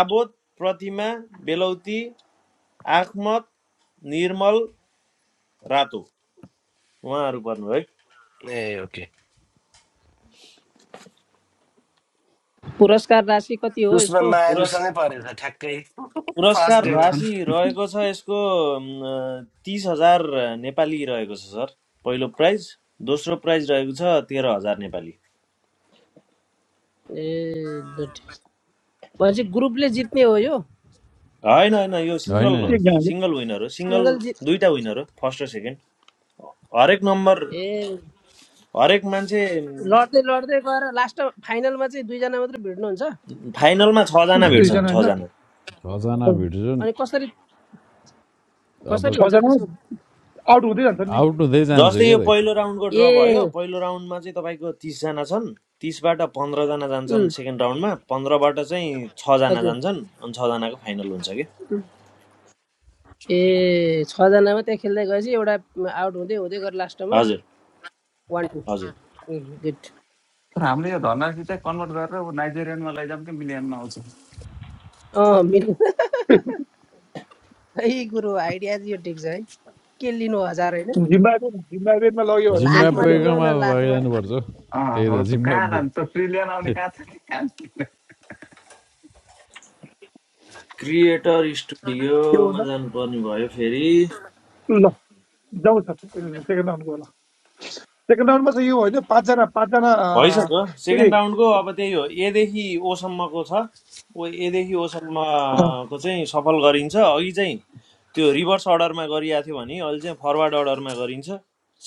S3: आबोध प्रतिमा बेलौती आखमत निर्मल रातो उहाँहरू पर्नुभयो है
S9: ए ओके
S10: पुरस्कार राशि कति हो
S9: उसमा
S10: यसको
S3: पुरस्
S9: मायालुसँगै परेछ ठ्याक्कै फर्स्ट
S3: पुरस्कार
S9: डे
S7: मिथुन
S3: राशि रहेको छ यसको तिस हजार नेपाली रहेको छ सर पहिलो प्राइज दोस्रो प्राइज रहेको छ तेह्र हजार नेपाली
S10: ए लट्ठी। भनेपछि ग्रुपले जित्ने हो यो
S3: होइन होइन यो
S1: होइन
S3: सिङ्गल हो
S1: होइन
S6: एकजनाले
S3: सिङ्गल विनर हो सिङ्गल
S10: सिङ्गल जित
S3: दुईटा विनर हो फर्स्ट र सेकेन्ड हरेक नम्बर
S10: ए
S3: हरेक मान्छे
S10: लड्दै लड्दै गएर लास्ट फाइनलमा चाहिँ दुईजना मात्रै भिड्नुहुन्छ
S3: फाइनलमा छजना
S1: होइन
S3: भेट्छन्
S6: दुईजना
S3: छजना
S1: छजना
S6: होइन
S1: भेट्छन्
S10: अनि कसरी
S1: अब
S10: कसरी हुन्छ
S6: छजना
S10: त्यसको
S6: आउट हुँदै जान्छ नि
S1: आउट हुँदै जान्छ
S3: जस्तै
S1: क्या
S3: यो
S1: दाइ
S3: पहिलो राउन्डको ड्र
S10: ए
S3: भयो पहिलो राउन्डमा चाहिँ तपाईँको तिसजना छन् तिसबाट पन्ध्रजना
S10: उम्,
S3: जान्छन् सेकेन्ड राउन्डमा पन्ध्रबाट चाहिँ छजना
S10: हजुर
S3: जान्छन् अनि छजनाको फाइनल हुन्छ कि
S10: ए छजनामा त्यहाँ खेल्दै गएपछि एउटा आउट हुँदै हुँदै गएर लास्टमा
S3: हजुर
S10: वान टू
S3: हजुर
S10: उम्, गुड
S7: तर हाम्रो यो धनराशि चाहिँ कन्भर्ट गरेर ऊ नाइजेरियनमा लैजाउँ कि मिलियनमा आउँछ
S10: अँ मिल्नु सही कुरो आइडिया चाहिँ यो ठिक छ है के लिनु हजार होइन
S6: जिम्बावे जिम्बावेमा लग्यो भने सही
S10: लाखमा
S6: कति आउँछ
S10: लिगौँ
S6: होला
S1: जिम्बाब्वेकोमा
S10: न लाखमा
S1: लैजानुपर्छ
S7: अँ
S1: त्यही
S7: हो
S1: त
S7: त कहाँ
S1: जिम्बाब्वे
S7: लान्छ ट्रिलियन आउने कहाँ छ कहाँ छ?
S3: क्रिएटर
S6: त्यो हुँदा
S3: स्टुडियोमा जानुपर्ने भयो फेरि
S6: ल जाउँ सर सेकेन्ड राउन्डको होला सेकेन्ड राउन्डमा चाहिँ यो होइन पाँचजना पाँचजना अँ,
S3: भइसक्यो
S6: के अरे
S3: सेकेन्ड राउन्डको अब त्यही हो एदेखि ओसम्मको छ ओ एदेखि ओसम्मको चाहिँ सफल गरिन्छ अघि चाहिँ त्यो रिभर्स अर्डरमा गरिएको थियो भने अहिले चाहिँ फरवर्ड अर्डरमा गरिन्छ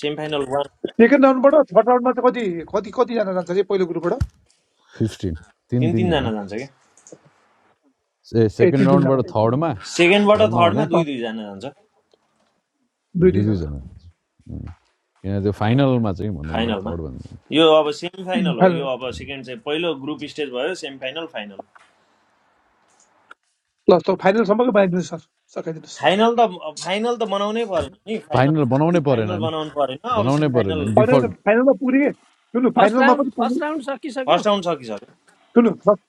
S3: सेमी फाइनल वान
S6: सेकेन्ड राउन्डबाट थर्ड राउन्डमा चाहिँ कति कति कतिजना जान्छ अरे पहिलो ग्रुपबाट
S1: फिफ्टिन तिन
S3: तिन
S1: तिनजना
S3: तिनजना जान्छ क्या
S1: ए
S6: ए
S1: सेकेन्ड
S6: तिन
S1: राउन्डबाट
S6: तिनजना
S1: थर्डमा
S3: सेकेन्डबाट
S1: थर्डमा भने
S3: थर्डमा
S6: अँ,
S3: दुई दुईजना जान्छ
S6: दुई
S1: दुई
S6: दुईजना
S1: दुईजना किन त्यो फाइनलमा चाहिँ भनौँ न
S3: फाइनलमा
S1: थर्ड भन्दा
S3: यो अब सेमी फाइनल हो
S6: फाइनल
S3: यो अब सेकेन्ड चाहिँ पहिलो ग्रुप स्टेज भयो सेमी फाइनल फाइनल
S6: ल सर फाइनलसम्मको बनाइदिनुहोस् सर सकाइदिनुहोस्
S3: फाइनल त फाइनल त बनाउनै परेन नि फाइनल
S1: फाइनल बनाउनै परेन
S3: फाइनल
S1: नि
S3: बनाउनु परेन अब
S1: बनाउनै
S3: सेमी
S1: परेन
S3: फाइनल
S1: नि
S6: होइन होइन
S1: डिफल्ट
S6: फाइनलमा पुग्ने के? सुन्नु
S10: फर्स्ट
S6: फाइनलमा
S10: राउन्ड
S6: पनि पुग्ने
S10: फर्स्ट राउन्ड सकिसक्यो
S3: फर्स्ट राउन्ड सकिसक्यो
S6: सुन्नु फर्स्ट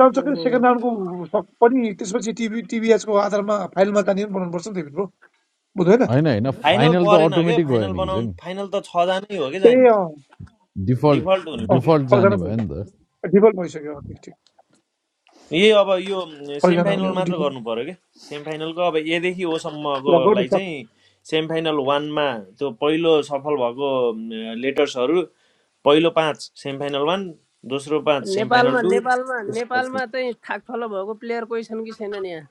S6: राउन्ड सकेर
S10: ओहो
S6: सेकेन्ड राउन्डको सक- पनि त्यसपछि टिभी टिभीएचको आधारमा फाइनलमा जाने पनि बनाउनुपर्छ नि त भित्र बुझ्नु होइन
S1: होइन होइन
S3: फाइनल
S1: फाइनल त
S3: परेन के
S1: अटोमेटिक गयो
S3: फाइनल
S1: नि कि
S3: बनाउनु
S1: चाहिँ
S3: फाइनल त छजना नै हो कि
S6: ए
S3: जाने
S6: अँ
S1: डिफल्ट
S3: डिफल्ट हुने हो
S6: अँ
S3: कि
S1: डिफल्ट जाने
S6: छजना
S1: भयो नि त
S6: डिफल्ट भइसक्यो अब ठिक ठिक
S3: यही अब यो सेमी
S6: सबैजना
S3: फाइनल
S6: उनीहरू
S3: मात्र
S6: डिफल्ट
S3: गर्नु पर्यो कि सेमी फाइनलको अब एदेखि
S6: ल गर्नु
S3: ओसम्मकोलाई
S6: सक
S3: चाहिँ सेमी फाइनल वानमा त्यो पहिलो सफल भएको लेटर्सहरू पहिलो पाँच सेमी फाइनल वान दोस्रो पाँच सेमी
S10: नेपालमा
S3: फाइनल टू
S10: नेपालमा
S3: त्यसपछि
S10: नेपालमा चाहिँ थाकथलो भएको प्लेयर कोही छन् कि छैनन् यहाँ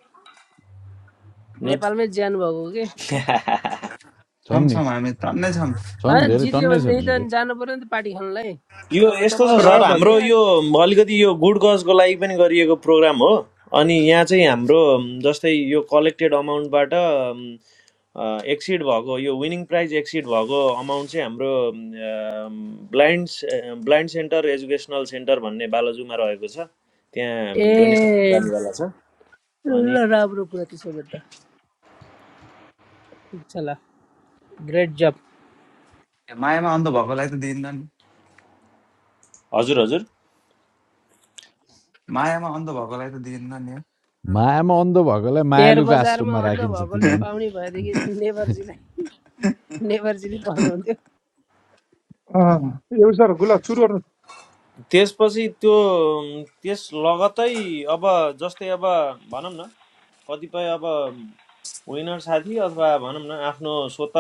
S3: नेट
S10: नेपालमै ज्यान भएको कि
S3: <laughs>
S7: छौँ
S1: छन् नि
S7: छौँ हामी टन्नै छौँ ए,
S1: छन्
S10: होइन
S1: धेरै
S10: जित्यो
S1: टन्नै छन्
S10: भनेदेखि
S1: नि
S10: त
S1: त
S10: जानु पर्यो नि त पार्टी खानलाई
S3: यो
S10: अब
S3: यस्तो छ
S10: तपाईँहरूलाई
S3: सर
S6: राघव
S10: भेटिन्न
S3: हाम्रो
S6: दाजु
S10: यहाँ
S3: यो अलिकति यो गुड कजको लागि पनि गरिएको प्रोग्राम हो अनि यहाँ चाहिँ हाम्रो जस्तै यो कलेक्टेड अमाउन्टबाट एक्सिड भएको यो विनिङ प्राइज एक्सिड भएको अमाउन्ट चाहिँ हाम्रो blind blind centre educational centre भन्ने बालाजुमा रहेको छ त्यहाँ डोनेसन
S10: ए
S3: जानेवाला छ
S10: ल
S3: अनि
S10: राम्रो कुरा त्यसो भए त ठिक छ ल ग्रेट जब
S7: मायामा अन्त भएकोलाई त दिँदैन
S3: हजुर हजुर
S7: मायामा अन्ध भएकोलाई त दिएन नि
S1: मायामा अन्ध भएकोलाई
S10: एयर
S1: मायालुको
S10: बजारमा
S1: आश्रममा
S10: अन्ध
S1: राखिन्छ तिन
S10: भएकोले पाउने
S1: दिन
S10: भएदेखि नेभरजीलाई नेभरजीले पाउनुहुन्थ्यो
S6: अँ, एउटा सर गुलाब सुरु गर्नु
S3: त्यसपछि त्यो अम, त्यस लगतै अब जस्तै अब भनौँ न कतिपय अब विनर साथी अथवा भनौँ न आफ्नो स्वत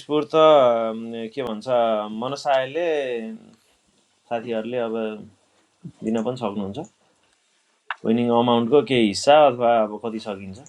S3: स्फूर्त अम, के भन्छ मनसायले साथीहरूले अब दिन पनि सक्नुहुन्छ विनिङ अमाउन्टको केही हिस्सा अथवा अब कति सकिन्छ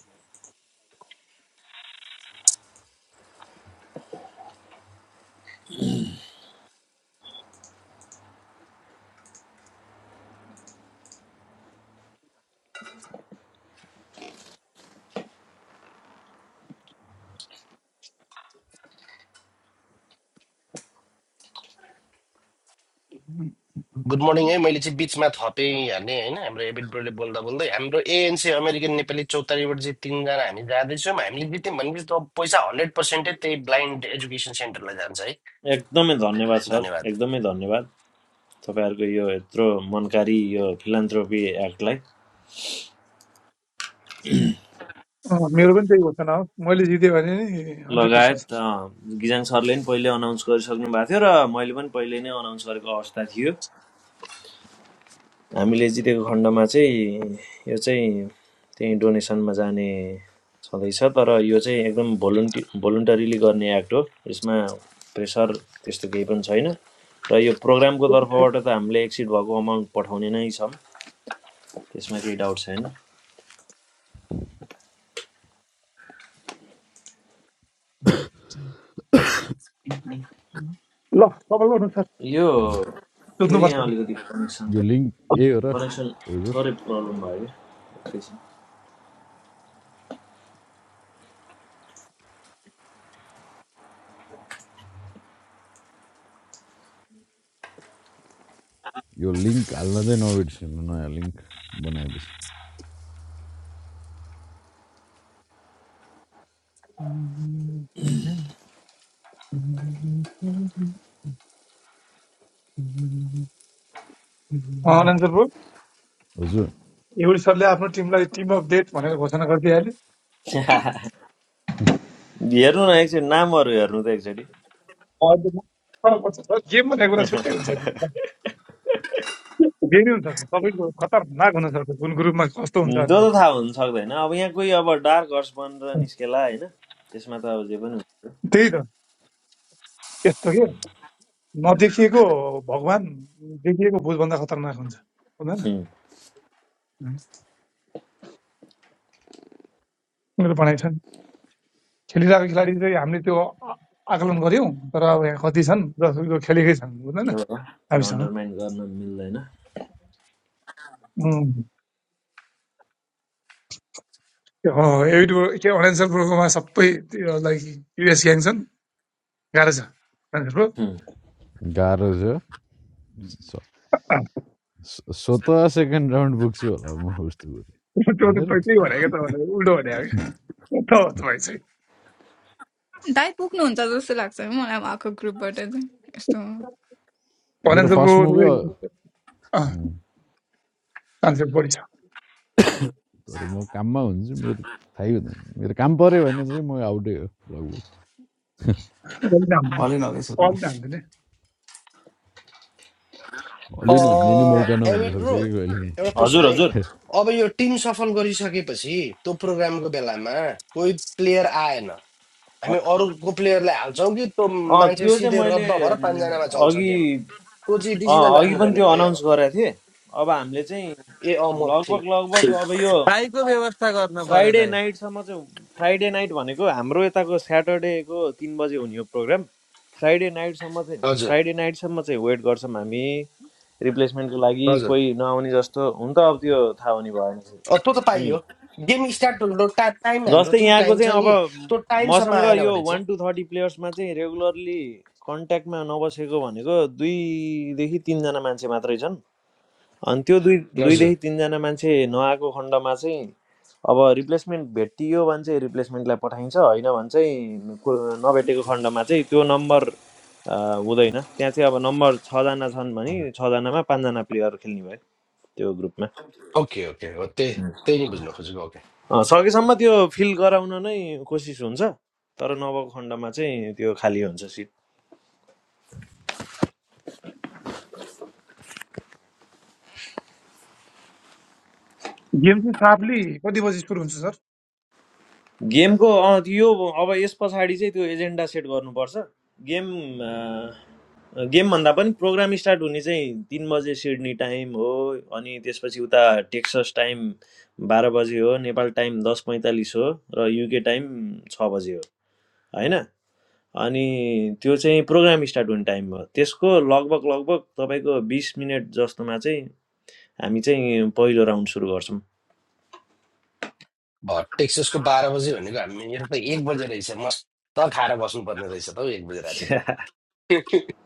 S9: गुड मर्निङ है मैले चाहिँ बिचमा थपेँ हाल्ने होइन हाम्रो एबिट ब्रोले बोल्दा बोल्दै हाम्रो एएनसी अमेरिकन नेपाली चौतारीबाट चाहिँ तिनजना हामी जाँदैछौँ हामीले जित्यौँ भनेपछि त अब पैसा हन्ड्रेड पर्सेन्टै त्यही ब्लाइन्ड एजुकेसन सेन्टरलाई जान्छ है
S3: एकदमै धन्यवाद सर
S9: धन्यवाद
S3: एकदमै धन्यवाद तपाईँहरूको यो यत्रो मनकारी यो फिलान्थ्रोपी एक्टलाई
S6: अँ, मेरो पनि त्यही घोषणा हो मैले जितेँ भने नि हन्ड्रेड पर्सेन्ट
S3: लगायत
S6: सर
S3: अ, गिजाङ सरले पनि पहिले अनाउन्स गरिसक्नु भएको थियो र मैले पनि पहिले नै अनाउन्स गरेको अवस्था थियो हामीले जितेको खण्डमा चाहिँ यो चाहिँ त्यही डोनेसनमा जाने छँदैछ तर यो चाहिँ एकदम भोलुन्टी भोलुन्टरीली गर्ने एक्ट हो यसमा प्रेसर त्यस्तो केही पनि छैन र यो प्रोग्रामको
S6: त्यही छ।
S3: तर्फबाट त हामीले एक्सिड भएको अमाउन्ट पठाउने नै छौँ त्यसमा केही डाउट छैन
S6: ल सफल गर्नु सर
S3: यो फेरि
S6: सोध्नुपर्छ
S3: यहाँ अलिकति कनेक्सन
S1: यो लिङ्क ए हो र
S3: कनेक्सन
S1: एउटा
S3: थोरै प्रब्लम भयो क्या एकैछिन।
S1: यो लिङ्क हाल्न चाहिँ नबिर्सिनु नयाँ लिङ्क बनाएपछि
S6: अँ, अनन्त सर भयो
S1: हजुर
S6: एउटी सरले आफ्नो टिमलाई टिम अफ डेट भनेर घोषणा गरिदिइहाल्यो
S3: <laughs> हेर्नु न एकचोटि नामहरू हेर्नु त एकचोटि
S6: अर्कोमा फरक पर्छ सर गेम भन्ने कुरा छुट्टै हुन्छ नि
S3: <laughs>
S6: गेमै हुन्छ सर तपाईँको खतरनाक हुन्छ सर कुन ग्रुपमा कस्तो हुन्छ
S3: त्यो त
S6: भनेर
S3: थाहा हुन सक्दैन अब यहाँ कोही अब डार्क हर्स बनेर निस्केला होइन त्यसमा त अब जे पनि हुन्छ
S6: त्यही त यस्तो के नदेखिएको भगवान् देखिएको भुजभन्दा खतरनाक हुन्छ हुँदैन
S3: हुँ।
S6: मेरो भनाइ छन् खेलिरहेको खेलाडी चाहिँ हामीले त्यो आ- आकलन गऱ्यौँ तर अब यहाँ कति छन् जसको खेलेकै छन् बुझ्दैन
S3: ल, त्यो
S6: हामीसँग
S3: अन्डरमाइन गर्न मिल्दैन
S6: उम्, त्यो हो, एबी डु- के अरुणाञ्चल प्रोकोमा सबै त्यो लाइक युएस ग्याङ छन् गाह्रो छ अरुणाञ्चल प्रो
S3: हुँ।
S1: गाह्रो छ स- स- स्वतः सेकेन्ड राउन्ड पुग्छु होला म उस्तो
S6: त्यो
S1: गरेँ
S6: त
S1: होइन र
S6: त्यही भनेको त भनेको उल्टो भनेको के? त हो तपाईँ चाहिँ
S4: दाइ पुग्नुहुन्छ जस्तो लाग्छ है मलाई उहाँको ग्रुपबाट चाहिँ यस्तो
S1: मेरो
S4: गर्दा
S6: Arunachal pro
S1: first movie
S6: chance बढी छ
S1: तर म काममा हुन्छु मेरो थाहै हुँदैन मेरो काम पऱ्यो भने चाहिँ म आउटै हो लगभग
S6: अलिक नाम-
S7: हलिन हल्दैछ त म।
S6: अलिक नाम दिने।
S1: अलि नाच्ने नि मौका
S9: एमिड
S1: नहुनसक्छ
S9: ब्रो
S1: कि कहिले
S9: एउटा
S1: काहीँ
S3: हजुर
S9: क्वेसन है
S3: हजुर
S9: अब यो टिम सफल गरिसकेपछि त्यो प्रोग्रामको बेलामा कोही प्लेयर आएन
S3: अँ
S9: हामी अरूको प्लेयरलाई हाल्छौँ कि त्यो मान्छे
S3: त्यो चाहिँ
S9: सिधै
S3: मैले
S9: रद्द भएर
S3: उम्,
S9: पाँचजनामा चल्छ
S3: अघि
S9: गेम त्यो चाहिँ
S3: अँ
S9: डिसिजन
S3: अघि पनि
S9: राख्नुपर्ने
S3: त्यो
S9: भयो
S3: अनाउन्स
S9: अब
S3: गरेको थिएँ अब हामीले चाहिँ
S9: ए अँ म
S3: लगभग
S9: थिइनँ
S3: लगभग अब यो
S2: भाइको व्यवस्था गर्नु पर्यो
S3: फ्राइडे
S2: दाइ
S3: नाइटसम्म चाहिँ फ्राइडे नाइट भनेको हाम्रो यताको स्याटरडेको तिन बजे हुने हो प्रोग्राम फ्राइडे नाइटसम्म चाहिँ
S9: हजुर
S3: फ्राइडे नाइटसम्म चाहिँ वेट गर्छौँ हामी रिप्लेसमेन्टको लागि
S9: हजुर
S3: कोही नआउने जस्तो हुन त अब त्यो थाहा हुने भएन
S9: अँ त्यो त
S3: उम्.
S9: पाइयो गेम स्टार्ट हुनु टा टाइम हाम्रो
S3: जस्तै
S9: जुन टाइम
S3: यहाँको चाहिँ
S9: छ नि त्यो
S3: अब
S9: टाइमसम्म
S3: मसँग
S9: आएन
S3: यो
S9: भने चाहिँ
S3: वान टू थर्टी प्लेयर्समा चाहिँ रेगुलरली कन्ट्याक्टमा नबसेको भनेको दुईदेखि तिनजना मान्छे मात्रै छन् अनि त्यो दुई
S9: हजुर
S3: दुईदेखि तिनजना मान्छे नआएको खण्डमा चाहिँ अब रिप्लेसमेन्ट भेटियो भने चाहिँ रिप्लेसमेन्टलाई पठाइन्छ होइन भने चाहिँ को- नभेटेको खण्डमा चाहिँ त्यो नम्बर अ, हुँदैन त्यहाँ चाहिँ अब नम्बर छजना छन् भने छजनामा पाँचजना प्लेयर खेल्ने भयो त्यो ग्रुपमा
S9: ओके ओके हो त्यही
S3: हुँ।
S9: त्यही नै बुझ्न खोजेको
S3: अ, सकेसम्म त्यो फिल गराउन नै कोसिस हुन्छ तर नभएको खण्डमा चाहिँ त्यो खाली हुन्छ
S6: गेम चाहिँ साफली कति बजी सुरु हुन्छ सर
S3: गेमको अँ, यो अब यस पछाडि चाहिँ त्यो एजेन्डा सेट गर्नुपर्छ गेम अँ, गेमभन्दा पनि प्रोग्राम स्टार्ट हुने चाहिँ तिन बजे सिडनी टाइम हो अनि त्यसपछि उता टेक्सस टाइम बाह्र बजे हो नेपाल टाइम दस पैँतालिस हो र युके टाइम छ बजे हो होइन अनि त्यो चाहिँ प्रोग्राम स्टार्ट हुने टाइम हो त्यसको लगभग लगभग तपाईँको बिस मिनट जस्तोमा चाहिँ हामी चाहिँ पहिलो राउन्ड सुरु गर्छौँ
S9: भयो टेक्ससको बाह्र बजे भनेको हामी मेरो त एक बजे रहेछ मस्त खाएर बस्नुपर्ने रहेछ त हौ एक बजे राति
S3: <laughs>
S9: त <laughs>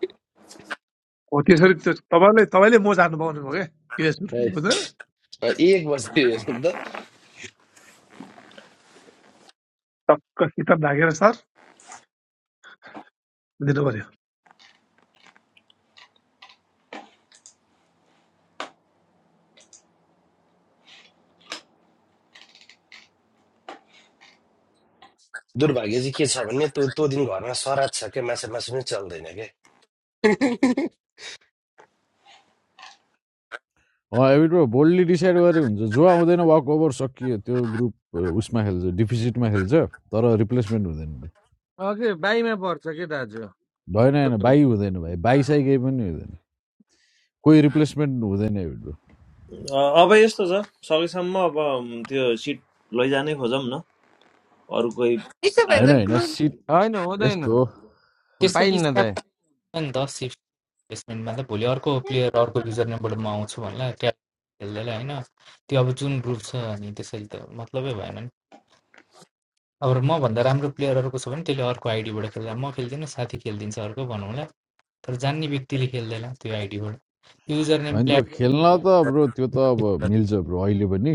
S6: हो त्यसरी त्यो तपाईँले तपाईँले म जानु पाउनुभयो क्या युएस ग्रुपले बुझ्दैन
S9: हैट। एक बजे <laughs> हेर्नु त
S6: टक्क सित लागेर सर दिनु पर्यो
S9: दुर्भाग्य चाहिँ के छ भने त्यो त्यो दिन घरमा सराद छ क्या माछा मासु पनि चल्दैन क्या <laughs>
S1: अँ एबिट बोल्डली डिसाइड गरे हुन्छ जो आउँदैन वाक ओभर सकियो त्यो ग्रुप उसमा खेल्छ डिफिसिटमा खेल्छ तर रिप्लेसमेन्ट हुँदैन
S2: अघि बाईमा पर्छ कि दाजु
S1: होइन होइन बाई हुँदैन भाइ बाइसाइकै पनि हुँदैन कोही रिप्लेसमेन्ट हुँदैन यो ब्रो
S3: अ, अब यस्तो छ सकेसम्म अब म त्यो सिट लैजानै खोजौँ न अरू कोही
S4: यसो भए त
S3: आयो
S1: होइन होइन
S4: ग्रुप
S1: सिट
S2: होइन हुँदैन
S1: यस्तो हो
S11: त्यसरी
S2: पाइन्न
S11: स्क्याम
S2: दाइ
S11: पनि हुँदैन नि त सिफ्ट प्लेसमेन्टमा त भोलि अर्को प्लेयर अर्को युजर नेमबाट म आउँछु भन्ला ट्याप खेल्दैला होइन त्यो अब जुन ग्रुप छ अनि त्यसरी त मतलबै भएन नि अब मभन्दा राम्रो प्लेयर छ भने त्यसले अर्को आइडीबाट खेल्दा म खेल्दिनँ साथी खेलिदिन्छ अर्को भनौँला तर जान्ने व्यक्तिले खेल्दैन त्यो आइडीबाट युजर नेम
S1: होइन त्यो
S11: प्लेट
S1: खेल्न त ब्रो त्यो त अब मिल्छ ब्रो अहिले पनि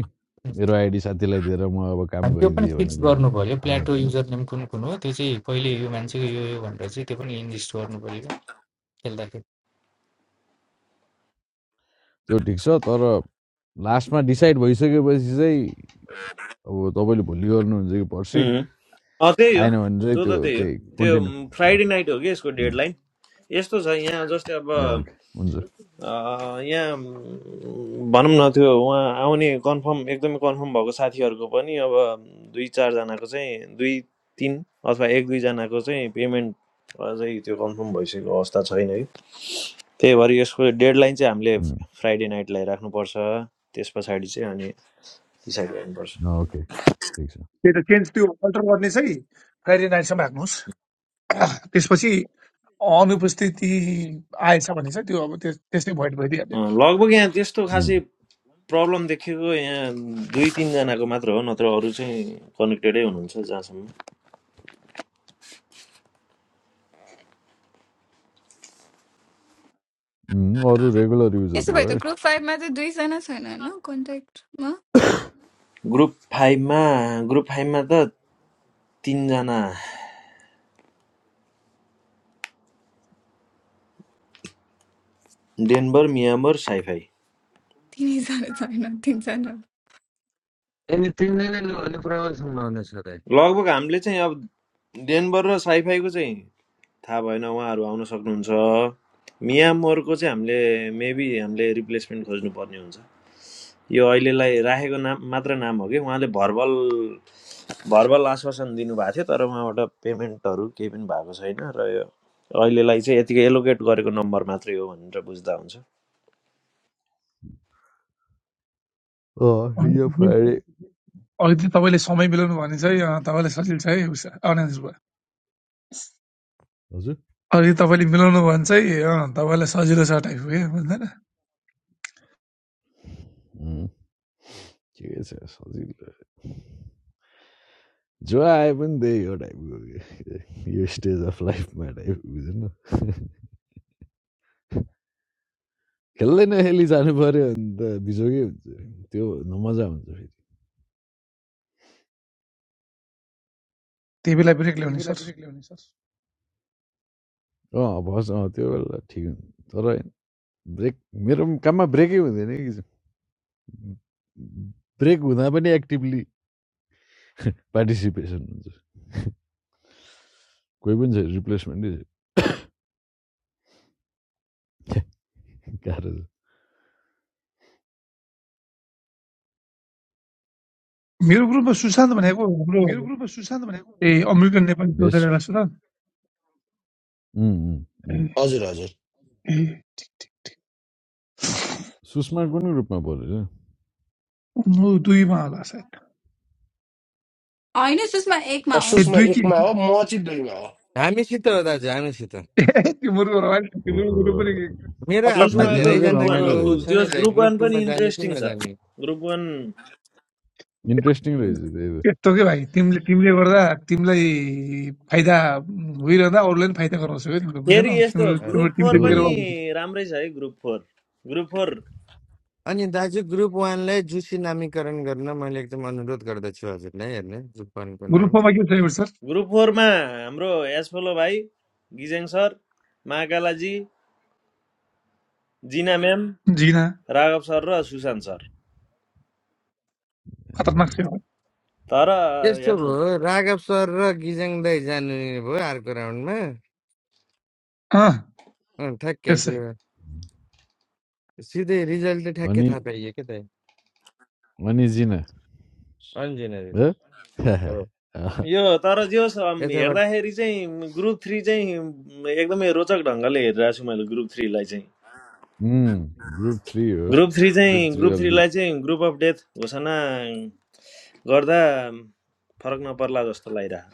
S1: मेरो आइडी साथीलाई दिएर म अब काम
S11: अनि त्यो पनि
S1: गरिदिएँ भने
S11: फिक्स
S1: पनि
S11: गर्नु पऱ्यो
S1: थाहा
S11: प्लेटो
S1: हुँदैन
S11: युजर नेम कुन कुन हो त्यो चाहिँ कहिले यो मान्छेको यो यो भनेर चाहिँ त्यो पनि लिस्ट गर्नु पऱ्यो क्या खेल्दा।
S1: त्यो ठिक छ तर लास्टमा डिसाइड भइसकेपछि चाहिँ अब तपाईँले भोलि गर्नुहुन्छ कि
S3: भने
S1: पर्सि
S3: उम्. अ, त्यही हो
S1: आएन भने चाहिँ
S3: त्यो
S1: त्यो
S3: त त्यही हो
S1: त्यही
S3: त्यो म, फ्राइडे
S1: कन्टिन्यू
S3: नाइट हो कि यसको डेडलाइन यस्तो छ यहाँ जस्तै अब
S1: ए ओके हुन्छ
S3: अ, यहाँ म, भनौँ न त्यो उहाँ आउने कन्फर्म एकदमै कन्फर्म भएको साथीहरूको पनि अब दुई चारजनाको चाहिँ दुई तिन अथवा एक दुईजनाको चाहिँ पेमेन्ट अझै त्यो कन्फर्म भइसकेको अवस्था छैन कि। त्यही भएर यसको डेडलाइन चाहिँ हामीले फ्राइडे नाइटलाई राख्नुपर्छ त्यस पछाडि चाहिँ अनि डिसाइड गर्नुपर्छ
S1: ओके ठिक छ
S6: त्यही त चेन्ज त्यो अल्टर गर्ने चाहिँ फ्राइडे नाइटसम्म राख्नुहोस् <clears throat> त्यसपछि अनुपस्थिति आएछ भने चाहिँ त्यो अब त्यस- त्यसै भोइड भइदिइहाल्यो
S3: अँ, लगभग यहाँ त्यस्तो
S1: उम्,
S3: खासै प्रब्लम देखेको यहाँ दुई तिनजनाको मात्र हो नत्र अरू चाहिँ कनेक्टेडै हुनुहुन्छ जहाँसम्म
S1: उम्, अरू रेगुलर
S4: यसो
S1: युजहरू
S4: भए त
S1: भयो
S4: ग्रुप फाइभमा चाहिँ दुईजना छैन होइन कन्ट्याक्टमा
S3: ग्रुप फाइभमा ग्रुप फाइभमा त तिनजना डेनबर मियाबर साइफाई
S4: तिनैजना छैन तिनजना
S2: यसले तिनजना लु भने प्रबलसम्म हुनेछ दाइ
S3: लगभग हामीले चाहिँ अब डेनबर र साइफाईको चाहिँ थाहा भएन उहाँहरू आउन सक्नुहुन्छ मियामोरको चाहिँ हामीले मेबी हामीले रिप्लेसमेन्ट खोज्नुपर्ने हुन्छ यो अहिलेलाई राखेको नाम मात्र नाम हो कि उहाँले भर्बल भर्बल आश्वासन दिनुभएको थियो तर उहाँबाट पेमेन्टहरू केही पनि भएको छैन र यो अहिलेलाई चाहिँ यतिकै एलोकेट गरेको नम्बर मात्रै हो भनेर बुझ्दा हुन्छ
S1: अँ, यो
S6: नि
S1: फ्राइडे
S6: अघि चाहिँ तपाईँले समय मिलाउनु भने चाहिँ अँ, तपाईँलाई सजिलो छ है उस अनाज भयो
S1: हजुर
S6: अघि तपाईँले मिलाउनु भने चाहिँ अँ, तपाईँलाई सजिलो छ टाइप हो बुझ्दैन
S1: उम्, ठिकै छ सजिलो जो आए पनि त्यही हो टाइपको यो स्टेज अफ लाइफमा टाइप बुझ्नु खेल्दै नखेली जानु पऱ्यो भने त बिजोगै हुन्छ त्यो नमजा हुन्छ फेरि
S6: त्यही बेला ब्रेक ल्याउने सर
S1: अँ फर्स्ट अँ त्यो बेला ठिक हुन्छ तर ब्रेक मेरो पनि काममा ब्रेकै हुँदैन कि ब्रेक हुँदा पनि एक्टिभली पार्टिसिपेसन हुन्छ कोही पनि छैन रिप्लेसमेन्टै गाह्रो छ
S6: मेरो ग्रुपमा सुशान्त भनेको हाम्रो ए अमेरिकन नेपाली एउटा
S1: बेस्ट
S6: एउटा सुशान्त
S9: हजुर हजुर
S1: सुस्मार्ट पनि रूपमा परेछ
S6: ऊ दुईमा होला सायद
S4: होइन सुषमा एकमा
S9: अ,
S4: हो
S6: ए
S9: सुषमा
S6: दुई कि
S9: एकमा हो म चाहिँ दुईमा हो
S2: हामीसित हो दाजु हामीसित
S6: <laughs> त्यो मुर्गो रह्यो नि, त्यो मुर्गो
S1: ओहो
S2: मेरो
S1: अब
S6: पनि
S2: हातमा
S3: सुषमाको
S1: यिनीहरूको
S3: ग्रुप
S2: धेरैजनाको
S3: वान
S1: रमाइलो
S3: हो
S2: ऊ
S3: ग्रु-
S2: छ
S1: रहेछ
S3: त्यो
S2: नि दाइ
S3: ग्रुप
S2: ग्रुप
S3: वान
S2: टूमा
S3: पनि
S2: जाने कि
S3: इन्ट्रेस्टिङ छ
S2: नजाने
S3: ग्रुप वान
S1: इन्ट्रेस्टिङ रहेछ त्यही त।
S6: यस्तो के भाइ तिमीले तिमीले गर्दा तिमीलाई फाइदा भइरहँदा अरूलाई पनि फाइदा गराउँछौ क्या तिमीले बुझेनौ
S3: फेरि यस्तो
S6: तिम्रो तिम्रो
S2: हजुर।
S3: ग्रुप
S6: टिम
S1: त्यो
S3: फोर
S6: चाहिँ
S3: पनि
S6: मेरो
S3: राम्रै छ है ग्रुप फोर ग्रुप फोर
S2: अनि दाजु ग्रुप वानलाई जुसी नामीकरण गर्न मैले एकदम अनुरोध गर्दछु हजुरलाई हेर्ने ग्रुप वानको
S6: ग्रुप
S2: नाम
S6: फोरमा के छ सर
S3: ग्रुप फोरमा हाम्रो एसफोलो भाइ गिजेङ सर महाकालाजी जिना म्याम
S6: झिना
S3: राघव सर र सुशान्त सर
S6: खतरनाक
S1: आमामा।
S6: सेवा हो।
S3: तर
S2: यस्तो
S3: हेर्नु
S2: भयो राघव सर र गिजाङ दाई जानु भयो अर्को राउन्डमा
S6: अँ
S2: अँ, ठ्याक्कै
S6: त्यसै
S2: त्यो सिधै रिजल्ट चाहिँ ठ्याक्कै
S1: अनि
S2: थाहा पाइयो क्या त
S1: अनि जिना
S2: अन्जिनरी
S1: हो?
S2: हो
S1: <laughs>
S3: यो तर जे होस् अम्,
S2: यताबाट
S3: हेर्दाखेरि चाहिँ ग्रुप थ्री चाहिँ एकदमै रोचक ढङ्गले हेरिरहेको छु मैले ग्रुप थ्रीलाई चाहिँ
S1: उम्, ग्रुप थ्री हो
S3: ग्रुप थ्री चाहिँ
S1: ग्रुप थ्री
S3: ग्रुप
S1: अलि
S3: थ्रीलाई चाहिँ ग्रुप अफ डेथ घोषणा गर्दा फरक नपर्ला जस्तो लागिरहेको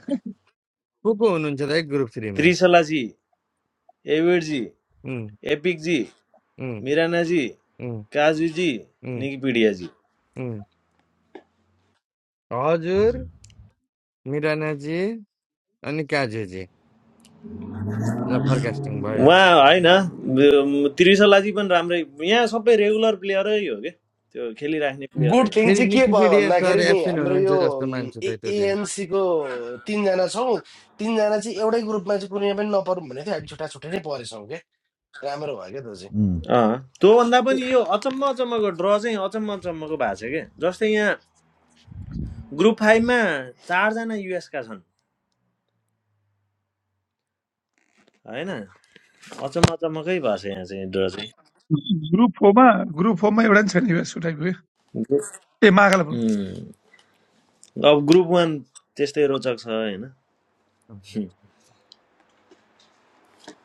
S2: को को हुनुहुन्छ त ग्रुप थ्रीमा
S3: त्रिशलाजी एविडजी
S2: उम्,
S3: एपिकजी
S2: उम्,
S3: मिरानाजी
S2: उम्,
S3: काजुजी
S2: उम्,
S3: निकिपिडियाजी
S2: उम्। हजुर
S1: हजुर
S2: मिरानाजी अनि काजुजी ल फरकास्टिङ भयो
S3: उहाँ होइन म- त्रिशलाजी पनि राम्रै यहाँ सबै रेगुलर प्लेयरै हो क्या त्यो खेलिराख्ने
S9: गुड
S3: प्लेयरै
S9: थिङ
S2: फेरि
S9: चाहिँ के भयो
S2: निकिपिडिया सर
S9: भन्दाखेरि नि
S2: एब्सेन्ट
S9: हाम्रो
S2: हुनुहुन्छ
S9: यो
S2: जस्तो मान्छु त त्यो दिन
S9: एएनसीको तिनजना छौँ तिनजना चाहिँ एउटै ग्रुपमा चाहिँ कुनै पनि नपरौँ भनेको थियो हामी छुट्टा छुट्टै नै परेछौँ क्या राम्रो भयो क्या त्यो चाहिँ
S1: उम्,
S3: अँ, त्योभन्दा पनि यो अचम्म अचम्मको ड्र चाहिँ अचम्म अचम्मको भएको छ क्या जस्तै यहाँ ग्रुप फाइभमा चारजना युएसका छन् होइन अचम्म अचम्मकै भएको छ यहाँ चाहिँ ड्र चाहिँ
S6: ग्रुप फोरमा ग्रुप फोरमा एउटा नि छैन यस्तो टाइपको क्या ए मागाल बरु
S3: उम्, अब ग्रुप वान त्यस्तै रोचक छ होइन हुँ,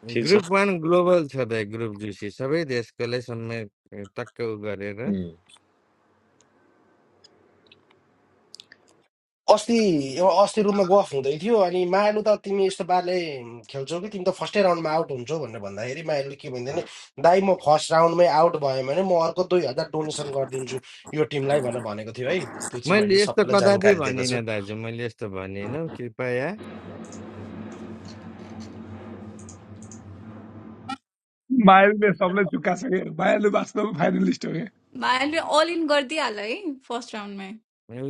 S3: ठिक छ
S2: ग्रुप वान ग्लोबल छ त ग्रुप जुसी सबै देशकोलाई समेत टक्क उ गरेर
S3: उम्,
S9: अस्ति यो अस्ति रुममा गफ हुँदै थियो अनि मायालु त तिमी यस्तो पाराले खेल्छौ कि तिमी त फर्स्टै राउन्डमा आउट हुन्छौ भनेर भन्दाखेरि मायालुले के भन्दैन दाइ म फर्स्ट राउन्डमै आउट भयो भने म अर्को दुई हजार डोनेसन गरिदिन्छु यो टिमलाई भनेर भनेको थियो है त्यो चाहिँ मैले
S2: मैले यस्तो
S9: सबैलाई
S2: कदापि
S9: जानकारी दिएको छु
S2: भनिनँ दाजु मैले यस्तो भनिनँ कृपया
S6: मायालुले सबलाई चुक्का छ क्या मायालु वास्तवमा फाइनलिस्ट हो क्या
S4: भाइले अल इन गरिदिइहाल है फर्स्ट राउन्डमै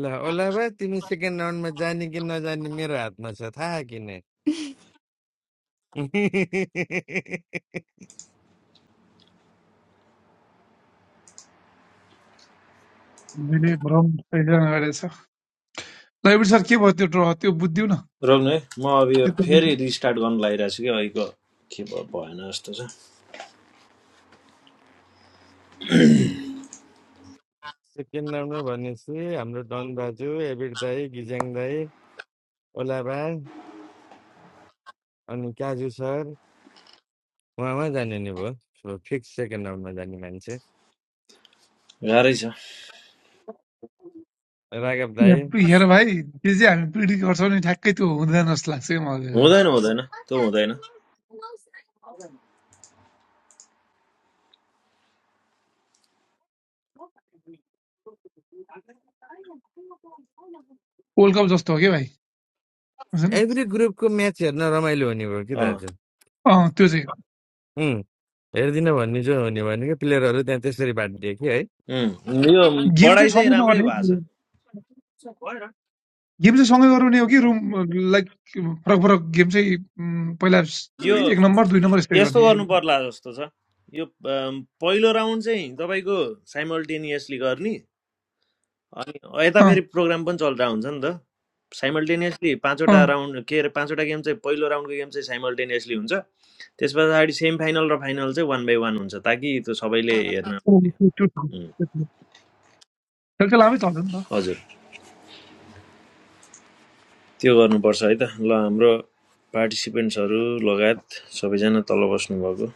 S2: ल ओला भाइ तिमी सेकेन्ड राउन्डमा जाने कि नजाने मेरो हातमा छ थाहा किन <laughs>
S6: मैले भ्रम सृजना गरेको छ रवि सर के भयो त्यो ड्र त्यो बुझ्दिउ न
S3: रोक्नु है म अब यो
S6: त्यो त
S3: फेरि रिस्टार्ट गर्नु लागिरहेको छु कि अहिलेको के भयो भएन जस्तो छ
S2: सेकेन्ड राउन्डमा भनेपछि हाम्रो डन दाजु एबिर दाई गिजाङ दाई ओला भाइ अनि काजु सर उहाँमा जाने नि भयो सो फिक्स सेकेन्ड राउन्डमा जाने मान्छे
S3: गाह्रै छ
S2: राघव दाई
S6: बुझ्दिनँ। हेर भाइ जे जे हामी पिडी गर्छौँ नि ठ्याक्कै त्यो हुँदैन जस्तो लाग्छ क्या मलाई
S3: हुँदैन हुँदैन त्यो हुँदैन
S6: वर्ल्ड कप जस्तो हो क्या भाइ बुझेन
S2: एभ्री ग्रुपको म्याच हेर्न रमाइलो हुने भयो कि
S3: अँ
S2: दाजु
S6: अँ, त्यो चाहिँ
S2: उम्, हेरिदिन भन्ने जो हुने भनेको प्लेयरहरू त्यहाँ त्यसरी बाँडिदियो कि है
S3: उम्, यो
S6: गेम
S3: बढाइ
S6: चाहिँ
S3: चाहिँ
S6: सँगै
S3: राम्रै
S6: नगर्ने
S3: भएको छ
S6: गेम चाहिँ सँगै गराउने हो कि रुम लाइक फरक फरक गेम चाहिँ उम्, पहिला स-
S3: यो
S6: एक नम्बर दुई नम्बर यस्तै
S3: यस्तो
S6: गर्ने
S3: गर्नु पर्ला जस्तो छ यो अम, पहिलो राउन्ड चाहिँ तपाईँको साइमल्टेनियसली गर्ने अनि यता फेरि
S6: अँ,
S3: प्रोग्राम पनि चल्दा हुन्छ नि त साइमल्टेनियसली पाँचवटा
S6: अँ,
S3: राउन्ड के अरे पाँचवटा गेम चाहिँ पहिलो राउन्डको गेम चाहिँ साइमल्टेनियसली हुन्छ त्यस पछाडि सेमी फाइनल र फाइनल चाहिँ वान बाई वान हुन्छ ताकि त्यो सबैले हेर्न
S6: अँ, त्यो त्यो छ,
S3: उम्,
S6: त्यो छ। खेल त लामै चल्छ नि त
S3: हजुर त्यो गर्नुपर्छ है त ल हाम्रो पार्टिसिपेन्ट्सहरू लगायत सबैजना तल बस्नुभएको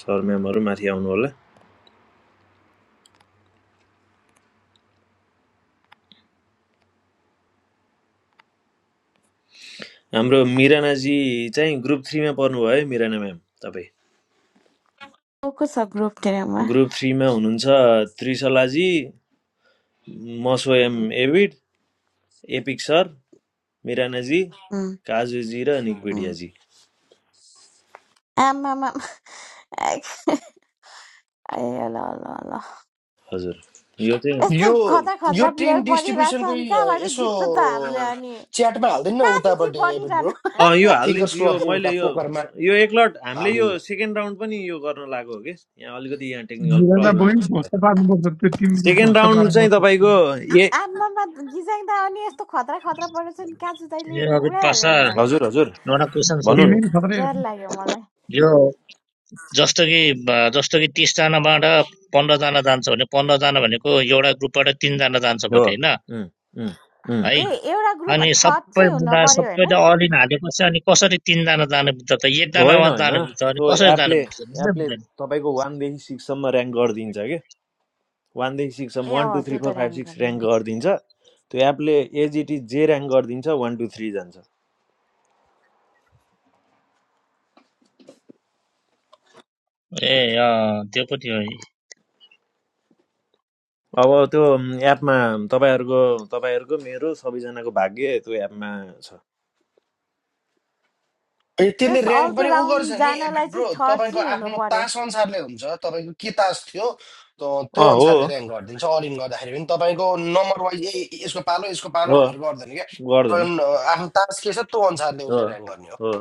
S3: सर म्यामहरू माथि आउनु होला हाम्रो मिरानाजी चाहिँ ग्रुप थ्रीमा पर्नुभयो है मिराना म्याम तपाईँ
S12: को सबग्रुप टेनमा
S3: ग्रुप थ्रीमा हुनुहुन्छ त्रिशलाजी म स्वयं एभिड एपिक सर मिरानाजी काजुजी र निकपिडियाजी
S12: आमामा ए ल ल ल
S3: हजुर यो चाहिँ
S12: यस्तो
S9: यो
S12: खतरा
S9: यो
S12: खतरा प्लेयर
S9: टिम
S12: परिरहेछ
S9: डिस्ट्रिब्युसनको
S12: अनि
S9: यी-
S12: कहाँबाट
S9: यसो
S12: जित्छ त हामीले अनि
S9: च्याटमा हालिदिनु न
S12: कहाँ चाहिँ चाहिँ
S9: उतापट्टि एबिट
S12: परिरहनु
S9: ब्रो
S3: अँ यो
S9: थिङ्कर्स
S3: हालिदिन्छु यो
S9: क्लबको उता
S3: मैले यो
S9: पोकरमा
S3: यो एकलट हामीले यो
S9: हालिदिनु
S3: सेकेन्ड राउन्ड पनि यो गर्न लागेको हो कि यहाँ अलिकति यहाँ टेक्निकल
S6: मिलानमा
S9: त
S6: बहिनी
S3: प्रब्लम
S6: ध्वस्त पार्नुपर्छ त्यो टिमले
S3: सेकेन्ड
S6: ध्वस्त
S3: राउन्ड चाहिँ
S6: पार्नुपर्छ
S3: तपाईँको ए
S12: आमामा जिजाङ दा अनि यस्तो खतरा खतरा परेछ नि कहाँ चाहिँ तैँले
S5: ए
S12: नि
S5: अभित पासा
S12: उडाइहाल्यो नि त
S3: हजुर
S12: अनि
S3: हजुर
S5: एउटा क्वेसन
S3: भन्नु
S5: सोधौँ
S3: न
S6: टिमले नि खतरै
S12: डर
S6: हो।
S12: लाग्यो मलाई
S5: यो जस्तो कि ब- जस्तो कि तिसजनाबाट पन्ध्रजना जान्छ भने पन्ध्रजना भनेको एउटा ग्रुपबाट तिनजना जान्छ
S3: हो
S5: भने होइन है
S3: उम्, उम्,
S12: ए एउटा ग्रुपमा
S5: अनि
S12: थर्ड
S5: सबै
S12: चाहिँ हुन
S5: मिलाएर
S12: पर्यो होइन
S5: सबैले अल इन हालेपछि अनि कसरी तिनजना जानु पुग्छ त
S3: होइन
S5: एकजनामा
S3: होइन
S5: जानु पुग्छ अनि
S3: त्यो
S5: कसरी
S3: एपले
S5: जानु पुग्छ बुझ्दै
S3: एपले
S5: बुझ्दैन
S3: तपाईँको वानदेखि सिक्ससम्म ऱ्याङ्क गरिदिन्छ कि वानदेखि सिक्ससम्म
S12: ए
S3: वान टू
S12: अँ
S3: थ्री
S12: त्यो त
S3: फोर फाइभ
S12: ऱ्याङ्क
S3: सिक्स
S12: गर्दैन
S3: ऱ्याङ्क गरिदिन्छ त्यो एपले एजिटी जे ऱ्याङ्क गरिदिन्छ वान टू थ्री जान्छ
S5: ए अँ त्यो पनि हो
S3: अब त्यो एपमा तपाईँहरूको तपाईँहरूको मेरो सबैजनाको भाग्य त्यो एपमा छ
S9: ए, त्यसले
S12: त्यस
S9: ऱ्याङ्क
S12: अर्को
S9: पनि उ गर्छ
S12: राउन्ड
S9: नि एबिट
S12: जानलाई
S9: ब्रो
S12: चाहिँ थर्ड
S9: तपाईँको
S12: चाहिँ हुनु
S9: आफ्नो
S12: पर्यो
S9: तास अनुसारले हुन्छ तपाईँको के तास थियो त- त्यो
S3: अँ हो
S9: अनुसारले ऱ्याङ्क गरिदिन्छ अल इन गर्दाखेरि पनि तपाईँको नम्बर वाइज ए ए- यसको पालो यसको पालो
S3: हो
S9: भनेर गर्दैन क्या तपाईँको
S3: गर्दैन
S9: न- आफ्नो तास के छ त्यो अनुसारले
S3: हो
S9: उसले ऱ्याङ्क गर्ने हो
S3: हो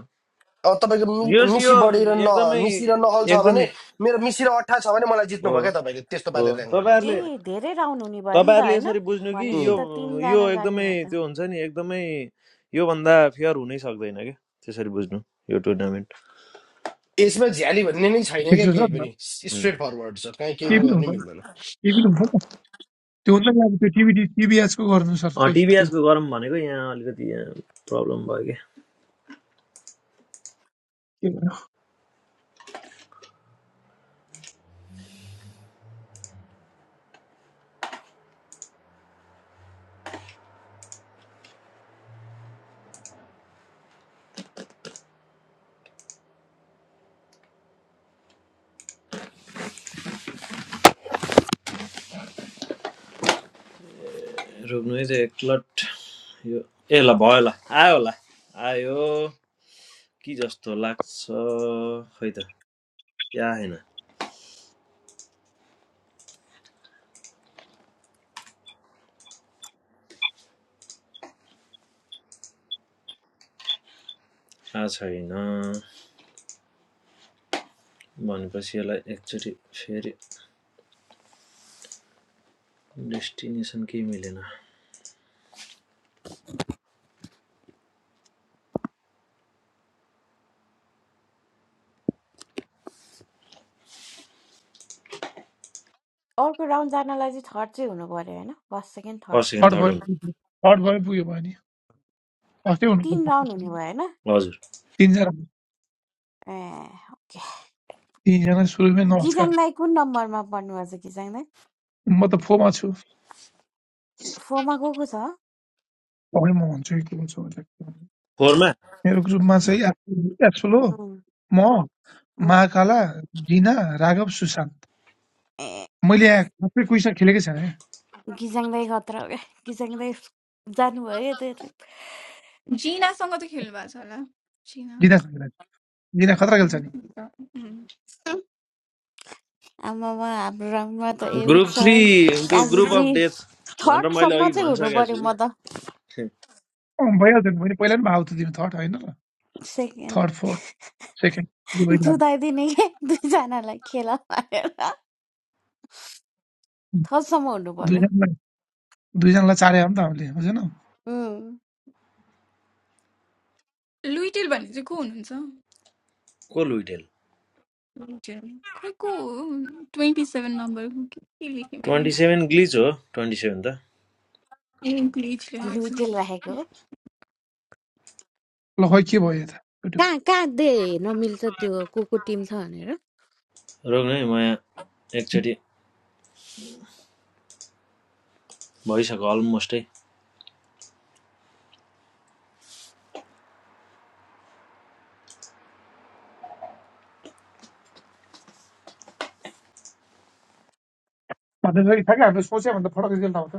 S9: अब तपाईँको
S3: यो
S9: मि- मिसी
S3: यो
S9: बढी र न
S3: एकदमै
S9: मिसी र नहल छ भने
S3: एकदमै
S9: मेरो मिसी र अठा छ भने मलाई जित्नुभयो
S3: हो
S9: क्या तपाईँले त्यस्तो
S3: हो
S9: पाराले ऱ्याङ्क गरिदिन्छ
S3: तपाईँहरूले
S9: उसलाई
S12: ए धेरै राउन्ड हुने भयो नि त
S3: तपाईँहरूले
S12: होइन
S3: यसरी बुझ्नु कि
S12: भनेपछि
S3: यो
S9: उम्।
S12: त
S3: यो
S12: तिनजना जाने
S3: एकदमै
S12: भयो त
S3: त्यो हुन्छ नि एकदमै योभन्दा फेयर हुनै सक्दैन क्या त्यसरी बुझ्नु यो टुर्नामेन्ट
S9: यसमा झ्याली भन्ने नै छैन
S6: ठिक
S9: क्या
S6: छ
S9: केही
S6: सर
S9: पनि स्ट्रेट फरवर्ड छ कहीँ केही
S6: केही
S9: नै
S6: पनि हुन्छ
S9: गर्नै
S6: नि,
S9: मिल्दैन
S6: केही पनि हुन्छ नि त त्यो हुन्छ नि अब त्यो टिभी टिभीएचको गर्नु सर खै त्यो
S3: टिभीएसको गरौँ भनेको यहाँ अलिकति यहाँ प्रब्लम भयो क्या
S6: के भन्नु
S3: रोक्नु है त्यो एकलट यो ए ल भयो ल आयो होला आयो कि जस्तो लाग्छ खै त या होइन थाहा छैन भनेपछि यसलाई एकचोटि फेरि डेस्टिनेसन केही मिलेन
S12: अर्को राउन्ड जानलाई चाहिँ थर्ड चाहिँ हुनु पर्यो होइन first second third
S3: first second
S6: third
S3: third
S6: भयो
S3: हुन्छ
S6: थर्ड भयो पुग्यो भयो नि फर्स्टै
S12: तिन
S6: हुनुपर्छ
S12: राउन्ड हुने भयो होइन
S3: हजुर
S6: तिनजना
S12: ए ओके
S6: तिनजना सुरुमै नमस्कार
S12: गिजाङ दाई कुन नम्बरमा पर्नुभएको छ गिजाङ दाई
S6: म त फोमा छु
S12: फोरमा गएको छ
S6: तपाईँ म भन्छु कि को छु भनेर के भन्ने।
S3: फोरमा
S6: मेरो ग्रुपमा चाहिँ एप्सुल एप्सुल हो
S12: उम्,
S6: म
S12: उम्।
S6: महाकाला जिना राघव सुशान्त
S12: ए
S6: मैले यहाँ सबै क्विजमा खेलेकै छैन क्या
S12: गिजाङ दाई खतरा हो क्या गिजाङ दाई जानुभयो क्या त्यो
S4: जिनासँग त खेल्नु भएको छ होला जिना
S6: जिनासँग खेलेको छु। जिना खतरा खेल्छ नि
S4: उम्,
S12: उम्, आमामा हाम्रो राउन्डमा त ए विथ
S3: ग्रुप थ्री
S12: सर
S3: त्यो ग्रुप
S12: काजीजी
S3: अफ डेथ भनेर मैले
S12: थर्डसम्म
S3: अघि
S12: चाहिँ हुनु
S3: भनिसकेको
S12: पर्यो
S3: छु
S12: म त
S3: कि
S6: अँ, भइहाल्छ नि मैले पहिला पनि भाव त दिनु थर्ड होइन र
S12: सेकेन्ड
S6: थर्ड फोर्थ सेकेन्ड भइरहनु
S12: जुदाइदिने के <laughs> दुईजनालाई खेला मारेर थसम्म हुनु पर्यो
S6: दुईजनालाई दुईजनालाई चारे हो नि त हामीले बुझेन
S4: लुइटेल भन्ने चाहिँ को हुनुहुन्छ
S3: को लुइटेल
S4: लुइटेल खै को हो ट्वेन्टी सेभेन नम्बरको के के लेखेँ मैले
S3: ट्वेन्टी सेभेन ग्लिच हो ट्वेन्टी सेभेन त
S4: इङ्ग्लिस लेखेको छु
S12: लुइटेल राखेको हो
S6: ल खै के भयो यता युट्युब
S12: कहाँ कहाँ दे नमिल्छ त्यो को को टिम छ भनेर
S3: रोग नै म यहाँ एकचोटि भइसक्यो अलमोस्टै
S6: भन्दाखेरि ठ्याक्कै हामीले सोच्यो भन्दा फरक रिजल्ट आउँछ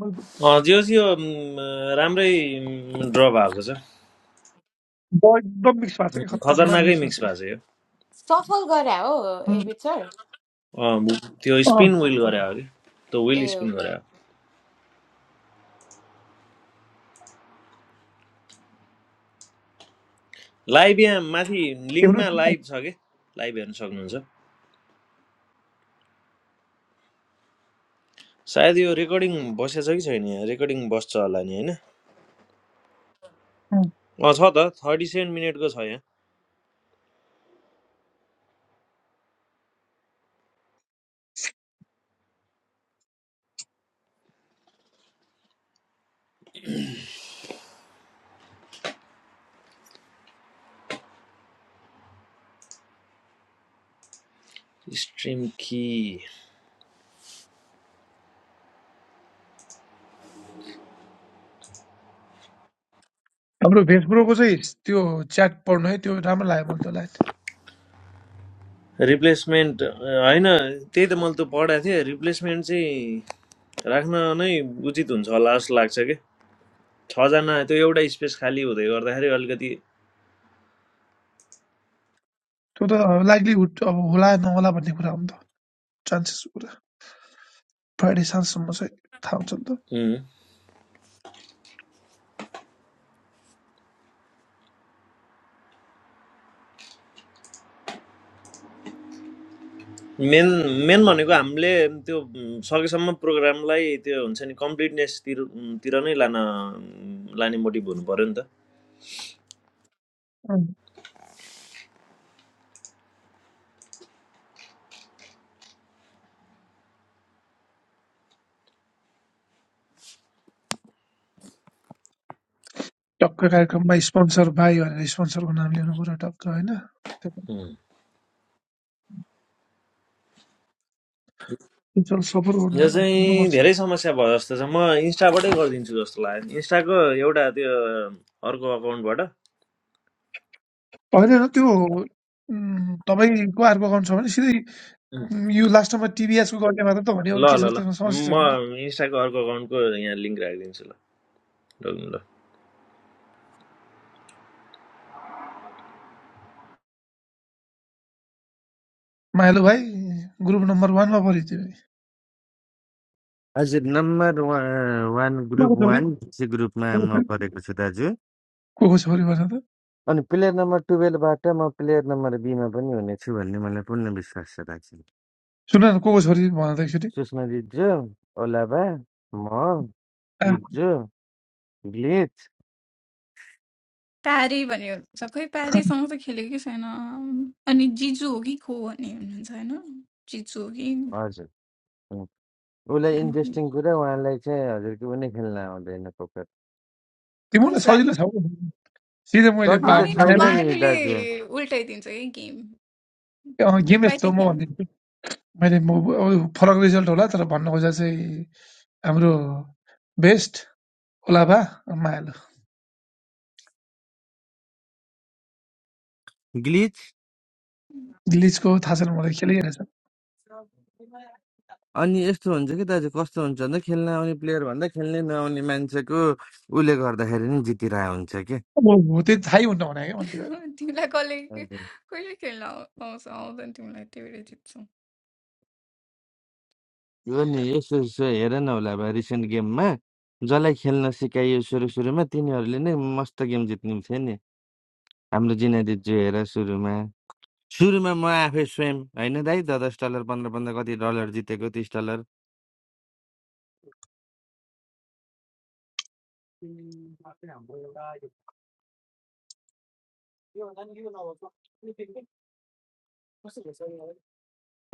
S6: म
S3: अँ जे होस् यो म, राम्रै ड्र भएको छ
S6: एकदम मिक्स भएको छ कि
S3: उम्,
S6: खतरनाक
S3: खतरनाकै
S6: मिक्स भएको छ
S3: मिक्स
S6: कि
S3: भएको छ यो
S12: सफल गरे हो एबिट सर
S3: अँ, त्यो
S6: अँ,
S3: स्पिन
S12: अँ,
S3: विल
S6: अँ,
S3: गरे हो कि त्यो
S12: ए
S3: विल स्पिन
S12: ओके
S3: गरे हो लाइभ यहाँ माथि
S6: एउटै
S3: लिङ्कमा लाइभ
S6: टिममा
S3: छ कि लाइभ हेर्न सक्नुहुन्छ सायद यो रेकर्डिङ बसेछ कि छैन यहाँ रेकर्डिङ बस्छ होला नि होइन अँ छ त थर्टी सेभेन मिनटको छ यहाँ स्ट्रिम कि
S6: हाम्रो भेसब्रोको चाहिँ त्यो च्याट पढ्नु है त्यो राम्रो लाग्यो मलाई त्यो लाइन
S3: रिप्लेसमेन्ट अ, होइन त्यही त मैले त पढाएको थिएँ रिप्लेसमेन्ट चाहिँ राख्न नै उचित हुन्छ होला जस्तो लाग्छ कि छजना त्यो एउटा स्पेस खाली हुँदै गर्दाखेरि अलिकति
S6: त्यो त लाइभलीहुड अब होला नहोला भन्ने कुरा हो नि त चान्सेस कुरा फ्राइडे साँझसम्म चाहिँ थाहा हुन्छ नि त
S3: उम्, मेन मेन भनेको हामीले त्यो उम्, सकेसम्म प्रोग्रामलाई त्यो हुन्छ नि कम्प्लिटनेसतिर उम्, तिर नै लान लाने मोटिभ हुनु पऱ्यो नि त
S6: अँ। टक्क कार्यक्रममा स्पोन्सर भाइ भनेर स्पोन्सरको नाम लिनु पऱ्यो टक्क होइन
S3: उम्।
S6: म्युचुअल सपोर्ट
S3: यो
S6: गर्नु
S3: चाहिँ
S6: गर्नुपर्छ
S3: धेरै समस्या भयो जस्तो छ म इन्स्टाबाटै गरिदिन्छु जस्तो लाग्यो इन्स्टाको एउटा त्यो अर्को अकाउन्टबाट
S6: होइन होइन, त्यो उम्, तपाईँको अर्को अकाउन्ट छ भने सिधै उम्, यो लास्ट टाइममा टिभीएसको गर्ने मात्र त भने अरू
S3: ल
S6: के
S3: ल
S6: छ
S3: ल
S6: त्यसमा समस्या छैन नि
S3: म इन्स्टाको अर्को अकाउन्टको यहाँ लिङ्क राखिदिन्छु ल डल्नु ल
S6: माइलो भाइ ग्रुप नम्बर वानमा पऱ्यो त्यो
S2: हजुर नम्बर वान ग्रुप
S6: को को छोरी
S2: वान चाहिँ ग्रुपमा म परेको छु दाजु
S6: को को छोरी भन त
S2: अनि प्लेयर नम्बर टुवेल्भबाट म प्लेयर नम्बर बीमा पनि हुनेछु भन्ने मलाई पूर्ण विश्वास छ दाजु
S6: सुन न को को छोरी भन त एकचोटि
S2: सुषमा दिजु ओलाबा म
S6: आ,
S2: दिजु ग्लिच
S4: प्यारे भन्ने हुनुहुन्छ खै प्यारेसँग त खेलेको कि छैन अनि जिजु हो कि को भन्ने हुनुहुन्छ होइन जिजु हो कि
S2: हजुर हुँ। उसलाई इन्ट्रेस्टिङ कुरा उहाँलाई चाहिँ हजुर के पनि खेल्न आउँदैन पोकर
S6: तिमीलाई
S4: कसै
S6: सजिलो
S4: होइन
S6: छ हौ सिधै मैले बा-
S2: सजिलो छैन
S6: बनाएर,
S2: नि
S4: मालुले
S2: दाजु
S4: उल्टाइदिन्छ कि गेम
S6: अँ, गेम यस्तो हो
S4: पाइसकेको
S6: म भनिदिन्छु मैले म- अब फरक रिजल्ट होला तर भन्न खोजेको चाहिँ हाम्रो बेस्ट ओलाभा मायालु
S2: ग्लिच
S4: थिएन
S6: गिलिजको थाहा छैन मलाई खेलिरहेछ
S2: अनि यस्तो हुन्छ कि दाजु कस्तो हुन्छ भन्दा खेल्न आउने प्लेयर भन्दा खेल्नै नआउने मान्छेको उसले गर्दाखेरि नि जितिरहेको हुन्छ
S6: म म त्यति थाहै हुन्न भने क्या मैले
S4: तिमीलाई कसले
S2: क्या
S4: कहिले खेल्न आउ- आउँछ आउँदैन तिमीलाई त्यही भएर जित्छौ
S2: यो नि यसो यसो हेर न होला अब रिसेन्ट गेममा जसलाई खेल्न सिकाइयो सुरु सुरुमा तिनीहरूले नै मस्त गेम जित्ने थियो नि हाम्रो जिनादिजु हेर सुरुमा सुरुमा म आफै स्वयं होइन दाइ दस दस डलर पन्ध्र पन्ध्र कति डलर जितेको तिस डलर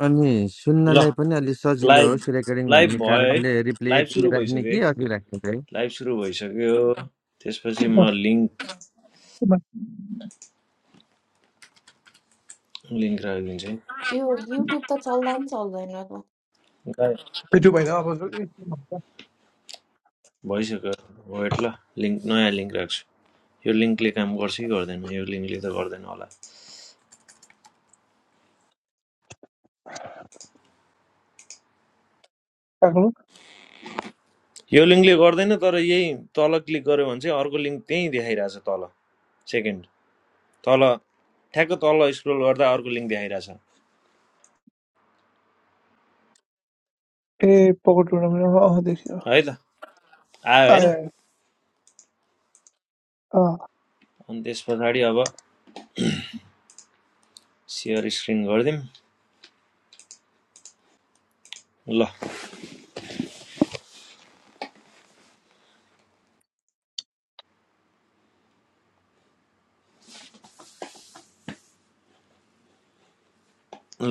S2: अनि
S3: ल
S2: सुन्नलाई पनि अलि सजिलो
S3: लाइभ
S2: होस् रेकर्डिङ
S3: लाइभ
S2: भन्ने
S3: भयो है
S2: कारणले रिप्ले
S3: लाइभ
S2: यति
S3: सुरु
S2: राख्ने
S3: भइसक्यो है
S2: कि अघि राख्ने दाइ
S3: लाइभ सुरु भइसक्यो त्यसपछि म
S6: त्यो
S3: लिङ्क
S6: भएर के भन्-
S3: लिङ्क राखिदिन्छु है
S12: यो युट्युब त चल्दा नि चल्दैन त
S3: लाइभ
S6: ए, त्यो भएन अब ए के भन्छ?
S3: भइसक्यो वेट ल लिङ्क नयाँ लिङ्क राख्छु यो लिङ्कले काम गर्छ कि गर्दैन यो लिङ्कले त गर्दैन होला
S6: काको?
S3: यो लिङ्कले गर्दैन तर यही तल क्लिक गऱ्यो भने चाहिँ अर्को लिङ्क त्यहीँ देखाइरहेछ तल सेकेन्ड तल ठ्याक्क तल स्क्रोल गर्दा अर्को लिङ्क देखाइरहेछ
S6: ए पकड टुर्नामेन्ट अँ अँ, देखियो
S3: है त आयो होइन
S6: आयो आयो अँ
S3: अनि त्यस अब सेयर स्क्रिन गरिदिउँ ल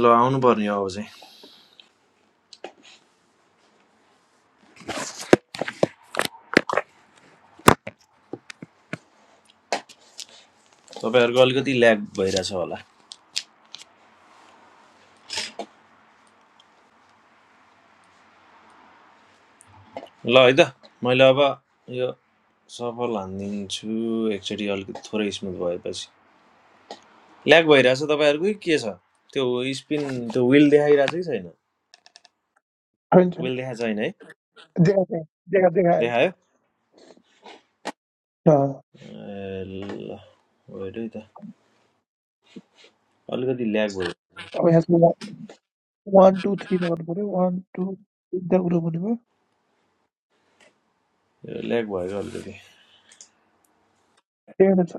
S3: ल आउनु पर्ने हो अब चाहिँ तपाईँहरूको अलिकति ल्याग भइरहेछ होला ल है त मैले अब यो सफल हानिदिन्छु एकचोटि अलिकति थोरै स्मुथ भएपछि ल्याग भइरहेछ तपाईँहरूको कि के छ त्यो स्पिन त्यो विल देखाइरहेछ कि छैन
S6: छैन छैन
S3: विल देखाएको छैन है
S6: देखा देखा देखा देखा आयो
S3: देखायो
S6: अँ,
S3: ल वेट है त अलिकति ल्याग भयो
S6: अब यहाँ वान टू थ्रीमा गर्नु पऱ्यो वान टू तिनवटा ग्रुप हुने भयो
S3: ल्याग भयो अलिकति
S6: त्यही नै छ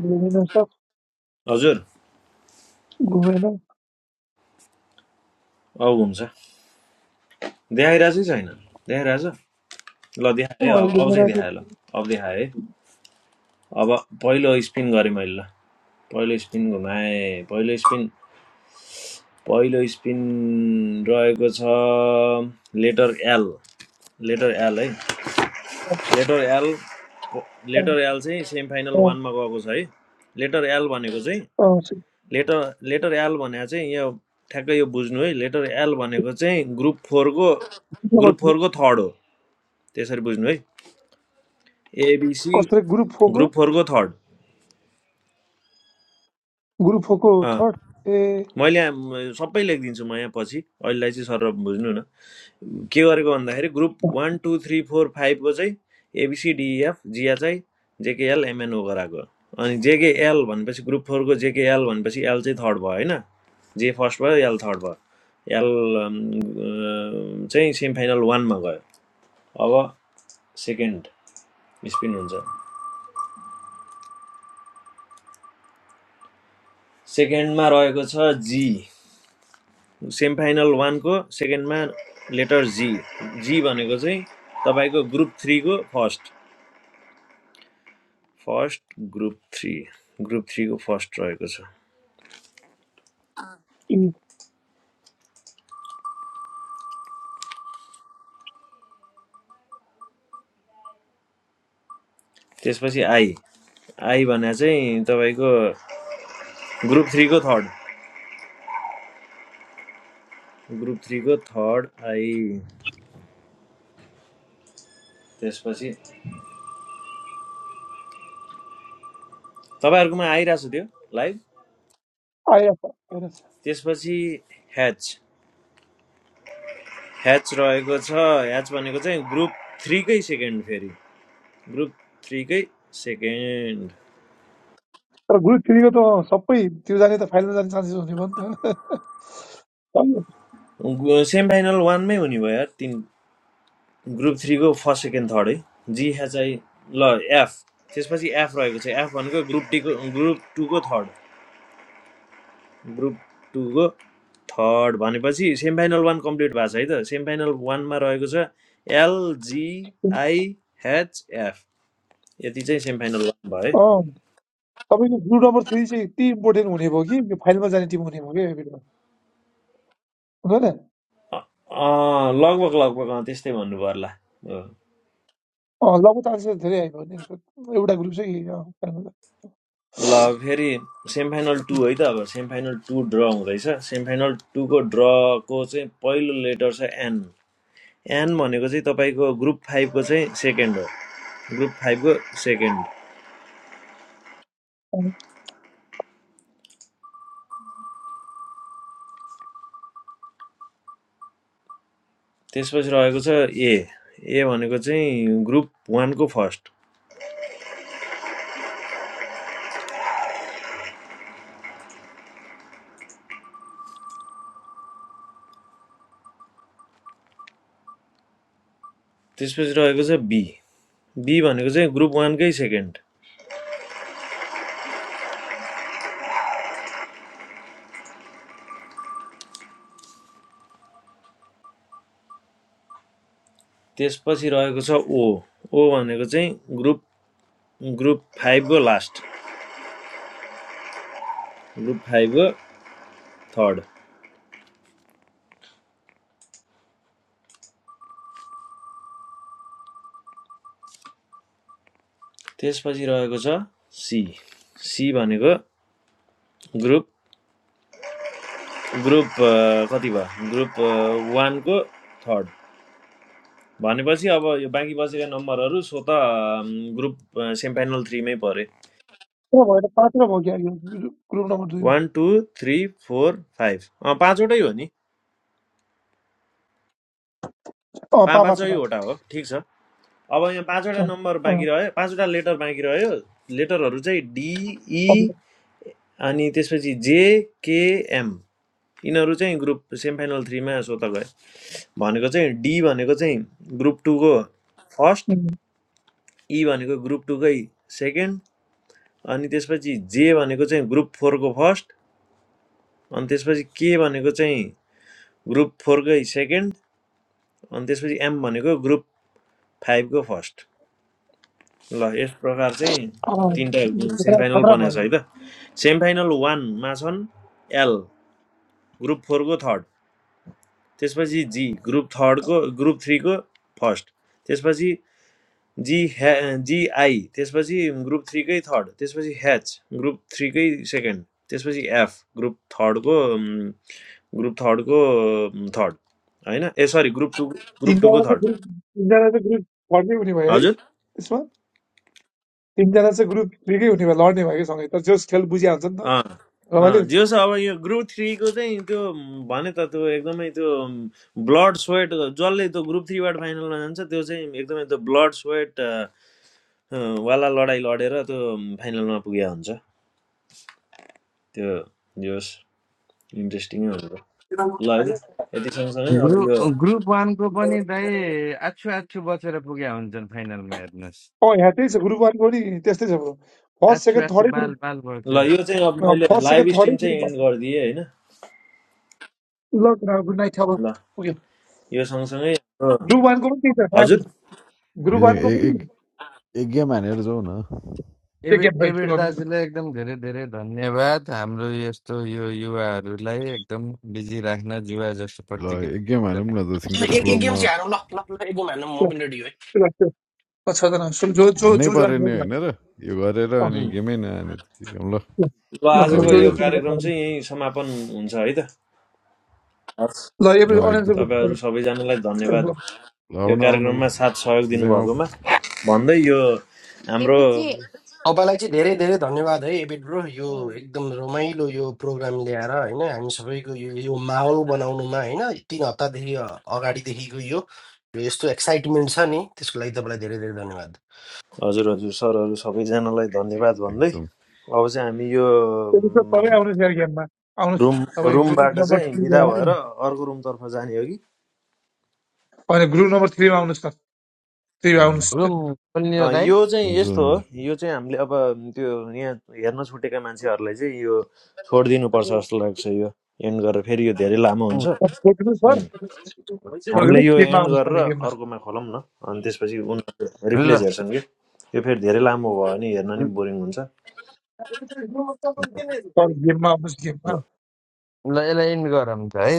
S6: घुमेन सब
S3: हजुर
S6: घुमेन
S3: औ हुन्छ देखाइरहेछ कि छैन देखाइरहेछ ल देखाएँ है
S6: अँ,
S3: अब अब चाहिँ
S6: घुमेन चाहिँ,
S3: देखाएँ ल अब देखाएँ है अब पहिलो स्पिन गरेँ मैले ल पहिलो स्पिन घुमाएँ पहिलो स्पिन पहिलो स्पिन रहेको छ लेटर एल लेटर एल है लेटर एल
S6: अँ,
S3: लेटर एल चाहिँ सेमी फाइनल वानमा गएको छ है लेटर एल भनेको चाहिँ लेटर लेटर एल भनेको चाहिँ यो ठ्याक्कै यो बुझ्नु है लेटर एल भनेको चाहिँ ग्रुप फोरको ग्रुप फोरको थर्ड हो त्यसरी बुझ्नु है एबिसी
S6: ग्रुप फोरको
S3: ग्रुप फोरको थर्ड
S6: ग्रुप फोरको थर्ड ए
S3: मैले आम- सबै लेखिदिन्छु म यहाँ पछि अहिलेलाई चाहिँ सर बुझ्नु न के गरेको भन्दाखेरि group one two three four फाइभको चाहिँ एबिसिडिएफ जिया चाहिँ जेकेएल एमएनओ गराएको अनि जेकेएल भनेपछि ग्रुप फोरको जेकेएल भनेपछि एल चाहिँ थर्ड भयो होइन जे फर्स्ट भयो एल थर्ड भयो एल अम, अम, चाहिँ सेमिफाइनल वानमा गयो अब सेकेन्ड स्पिन हुन्छ सेकेन्डमा रहेको छ जी सेमी फाइनल वानको सेकेन्डमा लेटर जी जी भनेको चाहिँ तपाईँको ग्रुप थ्रीको first first group three group थ्रीको फर्स्ट रहेको छ
S6: इन-
S3: त्यसपछि आई आई भने चाहिँ तपाईँको ग्रुप थ्रीको थर्ड ग्रुप थ्रीको थर्ड आई त्यसपछि तपाईँहरूकोमा आइरहेको छ त्यो लाइभ
S6: आइरहेको छ
S3: त्यसपछि ह्याच ह्याच रहेको छ ह्याच भनेको चाहिँ ग्रुप थ्रीकै सेकेन्ड फेरि ग्रुप थ्रीकै सेकेन्ड
S6: तर ग्रुप थ्रीको त सबै त्यो जाने त फाइनल जाने चान्सेस हुने भयो नि त
S3: सेमी फाइनल वानमै हुने भयो यार तिन ग्रुप थ्रीको फर्स्ट सेकेन्ड थर्ड है जी एच आई ल एफ त्यसपछि एफ रहेको छ एफ भनेको ग्रुप टीको ग्रुप टूको थर्ड ग्रुप टूको थर्ड भनेपछि सेमी फाइनल वान कम्प्लिट भएको छ है त सेमी फाइनल वानमा रहेको छ एलजिआइएचएफ यति चाहिँ सेमी फाइनल वान भयो है
S6: अँ तपाईँको ग्रुप नम्बर थ्री चाहिँ यति इम्पोर्टेन्ट हुने भयो कि यो फाइनलमा जाने टिम हुने भयो क्या यो बेला। हुँदैन
S3: अँ, लगभग लगभग अँ, त्यस्तै भन्नु पर्ला
S6: अँ लगभग चान्सेस धेरै आइपुग्यो नि यसो एउटा ग्रुप चाहिँ
S3: ल फेरि सेमिफाइनल टू है त अब सेमिफाइनल टू ड्र हुँदैछ सेमिफाइनल टूको ड्रको चाहिँ पहिलो लेटर छ एन एन भनेको चाहिँ तपाईँको ग्रुप फाइभको चाहिँ सेकेन्ड हो ग्रुप फाइभको सेकेन्ड त्यसपछि रहेको छ ए ए भनेको चाहिँ ग्रुप वानको फर्स्ट त्यसपछि रहेको छ बी बी भनेको चाहिँ ग्रुप वानकै सेकेन्ड त्यसपछि रहेको छ ओ ओ भनेको चाहिँ ग्रुप ग्रुप फाइभको लास्ट ग्रुप फाइभको थर्ड त्यसपछि रहेको छ सी सी भनेको ग्रुप ग्रुप कति भयो ग्रुप वानको थर्ड भनेपछि अब यो बाँकी बसेका नम्बरहरू सो त ग्रुप सेमिफाइनल थ्रीमै परे
S6: पुरा भयो त पाँचवटा भयो क्या यो ग्रुप नम्बर दुईमा
S3: one two three four five अँ, पाँचवटै हो नि
S6: अँ
S3: पाँ
S6: पाँच पाँचवटा थियो
S3: पाँचवटा हो ठिक छ अब यहाँ पाँचवटा
S6: अँ,
S3: नम्बर
S6: अँ,
S3: बाँकी रह्यो पाँचवटा लेटर बाँकी रह्यो लेटरहरू चाहिँ डिई अनि त्यसपछि जेकेएम यिनीहरू चाहिँ ग्रुप सेमिफाइनल थ्रीमा सोत गए भनेको चाहिँ डी भनेको चाहिँ ग्रुप टूको फर्स्ट
S6: अँ,
S3: ई भनेको ग्रुप टूकै सेकेन्ड अनि त्यसपछि जे भनेको चाहिँ ग्रुप फोरको फर्स्ट अनि त्यसपछि के भनेको चाहिँ ग्रुप फोरकै सेकेन्ड अनि त्यसपछि एम भनेको ग्रुप फाइभको फर्स्ट ल यस प्रकार चाहिँ
S6: अँ,
S3: तिनवटा
S6: खतरा
S3: सेमिफाइनल
S6: खतरा
S3: बनाएको
S6: भयो
S3: छ है त सेमिफाइनल वानमा छन् एल ग्रुप फोरको थर्ड त्यसपछि जी ग्रुप थर्डको ग्रुप थ्रीको फर्स्ट त्यसपछि जी हे जिआई त्यसपछि ग्रुप थ्रीकै थर्ड त्यसपछि एच ग्रुप थ्रीकै सेकेन्ड त्यसपछि एफ ग्रुप थर्डको उम्, ग्रुप थर्डको उम्, थर्ड होइन ए सरी ग्रुप टू ग्रुप टूको
S6: तिनजना
S3: थर्ड
S6: चाहिँ ग्रुप तिनजना चाहिँ ग्रुप फर्कै हुने भयो है
S3: हजुर
S6: त्यसमा तिनजना चाहिँ ग्रुप थ्रीकै हुने भयो लड्ने भयो कि सँगै तर जस खेल बुझिया हुन्छ नि त
S3: अँ,
S6: रमाइलो
S3: अँ,
S6: हुन्छ
S3: जे छ अब यो ग्रुप थ्रीको चाहिँ त्यो उम्, भने त त्यो एकदमै त्यो ब्लड स्वेट जसले त्यो ग्रुप थ्रीबाट फाइनलमा जान्छ त्यो चाहिँ एकदमै त्यो ब्लड स्वेट वाला लडाइँ लडेर त्यो फाइनलमा पुगेको हुन्छ त्यो जे होस् इन्ट्रेस्टिङै हुन्छ ल होइन यति सँगसँगै अब यो
S2: ग्रुप ग्रुप वानको पनि दाइ आछु आछु बचेर पुगे हुन्छन् फाइनलमा हेर्नुहोस्
S6: अँ यहाँ त्यही छ ग्रुप वानको पनि त्यस्तै छ ब्रो फर्स्ट
S2: आछु
S6: सेकेन्ड
S2: आछु
S6: थर्डै
S2: बाल बाल
S3: ल
S2: बच्यो
S3: यो चाहिँ अब
S6: ग्रुप
S3: मैले
S6: फर्स्ट
S3: लाइभ
S6: सेकेन्ड थर्डै
S3: स्ट्रिम चाहिँ एन्ड
S6: ग्रुप
S3: गरिदिएँ होइन
S6: ल गुड नाइट अब
S3: ल
S6: पुग्यो
S3: यो सँगसँगै हाम्रो-
S6: ग्रुप वानको पनि
S3: हजुर
S6: त्यही छ ग्रुप
S1: हिजो
S6: वानको
S1: ए-
S6: पनि
S1: एक एक गेम हानेर जाउँ न
S6: त्यो
S2: एबि
S6: गेम भयो
S2: एबिर
S6: सुरु गर्नु ल,
S2: दाजुलाई एकदम धेरै धेरै धन्यवाद हाम्रो यस्तो यो युवाहरूलाई एकदम बिजी राख्न जुवा जस्तो
S1: ल एक गेम
S2: प्रतियोगिता
S1: हानौँ न त
S2: राख्न।
S9: ए-
S1: थिङ्कर्स
S9: एक एक गेम
S1: क्लबमा
S9: चाहिँ हारौँ ल ल ल एक गेम हार्नु म पनि रेडी
S6: ल, ल, ल, छजना सुरु- जो जो
S1: हान्नै
S6: जो
S1: पऱ्यो नि
S6: जोइन
S1: होइन र यो गरेर
S6: अँ,
S1: अनि
S3: उम्,
S1: गेमै नहाने त के गर्नु ल
S6: ल
S3: ल
S6: ल
S1: आऊ
S6: ल
S3: आजको
S6: जो
S3: यो
S6: जोसँग
S1: गाइजहरू
S6: बात
S3: कार्यक्रम
S6: गरौँ।
S3: चाहिँ यहीँ समापन हुन्छ है त हस्
S6: ल एपी
S1: अँ
S6: अडियन्स
S1: एकदम
S3: तपाईँहरू
S6: एपिसोड
S3: सबैजनालाई धन्यवाद
S1: ल
S3: यो
S1: आउनु आउनु ल
S3: कार्यक्रममा साथ सहयोग
S1: गिजाङ आऊ
S3: दिनुभएकोमा भन्दै यो हाम्रो
S12: एबिट चाहिँ
S9: तपाईँलाई चाहिँ धेरै धेरै धन्यवाद है एबिट ब्रो यो एकदम रमाइलो यो प्रोग्राम ल्याएर होइन हामी सबैको यो यो माहौल बनाउनुमा होइन तिन हप्तादेखि अ- अगाडिदेखिको यो यो यस्तो एक्साइटमेन्ट छ नि त्यसको लागि तपाईँलाई धेरै धेरै धन्यवाद
S3: हजुर हजुर सरहरू सबैजनालाई धन्यवाद भन्दै
S1: एकदम
S3: अब चाहिँ हामी यो
S6: सबै
S3: उम्,
S6: आउनुहोस् यार गेममा आउनुहोस्
S3: रुम
S6: तपाईँ ग्रुप
S3: रुमबाट
S6: नम्बर
S3: चाहिँ
S6: थ्रीमा
S3: बिदा
S6: आउनु
S3: भएर अर्को रुमतर्फ जाने हो कि
S6: अनि ग्रुप नम्बर थ्रीमा आउनुहोस् न थ्रीमा
S1: उम्,
S6: आउनुहोस्
S2: रुम खोल्ने हो
S3: अँ,
S2: दाइ
S3: यो चाहिँ
S1: हुन्छ
S3: यस्तो हो
S1: हुन्छ
S3: यो चाहिँ हामीले अब त्यो यहाँ हेर्न छुटेका मान्छेहरूलाई चाहिँ यो छोडिदिनुपर्छ जस्तो लाग्छ यो एन्ड गरेर फेरि यो धेरै लामो हुन्छ
S2: अँ,
S6: छोडिदिनुहोस्
S3: उम्.
S6: सर
S3: हामीले
S6: छोडिदिनुहोस्
S3: यो
S6: गेममा
S3: एन्ड
S6: आउनुहोस्
S3: गरेर
S6: तपाईँ गेममा
S3: अर्कोमा खोलौँ न अनि त्यसपछि उनीहरू
S2: ल
S3: रिप्लेस हेर्छन् कि यो फेरि धेरै लामो भयो भने हेर्न नि बोरिङ हुन्छ
S6: सर गेममा आउनुहोस् गेममा
S3: ल
S2: ल यसलाई इन्ड गरौँ त है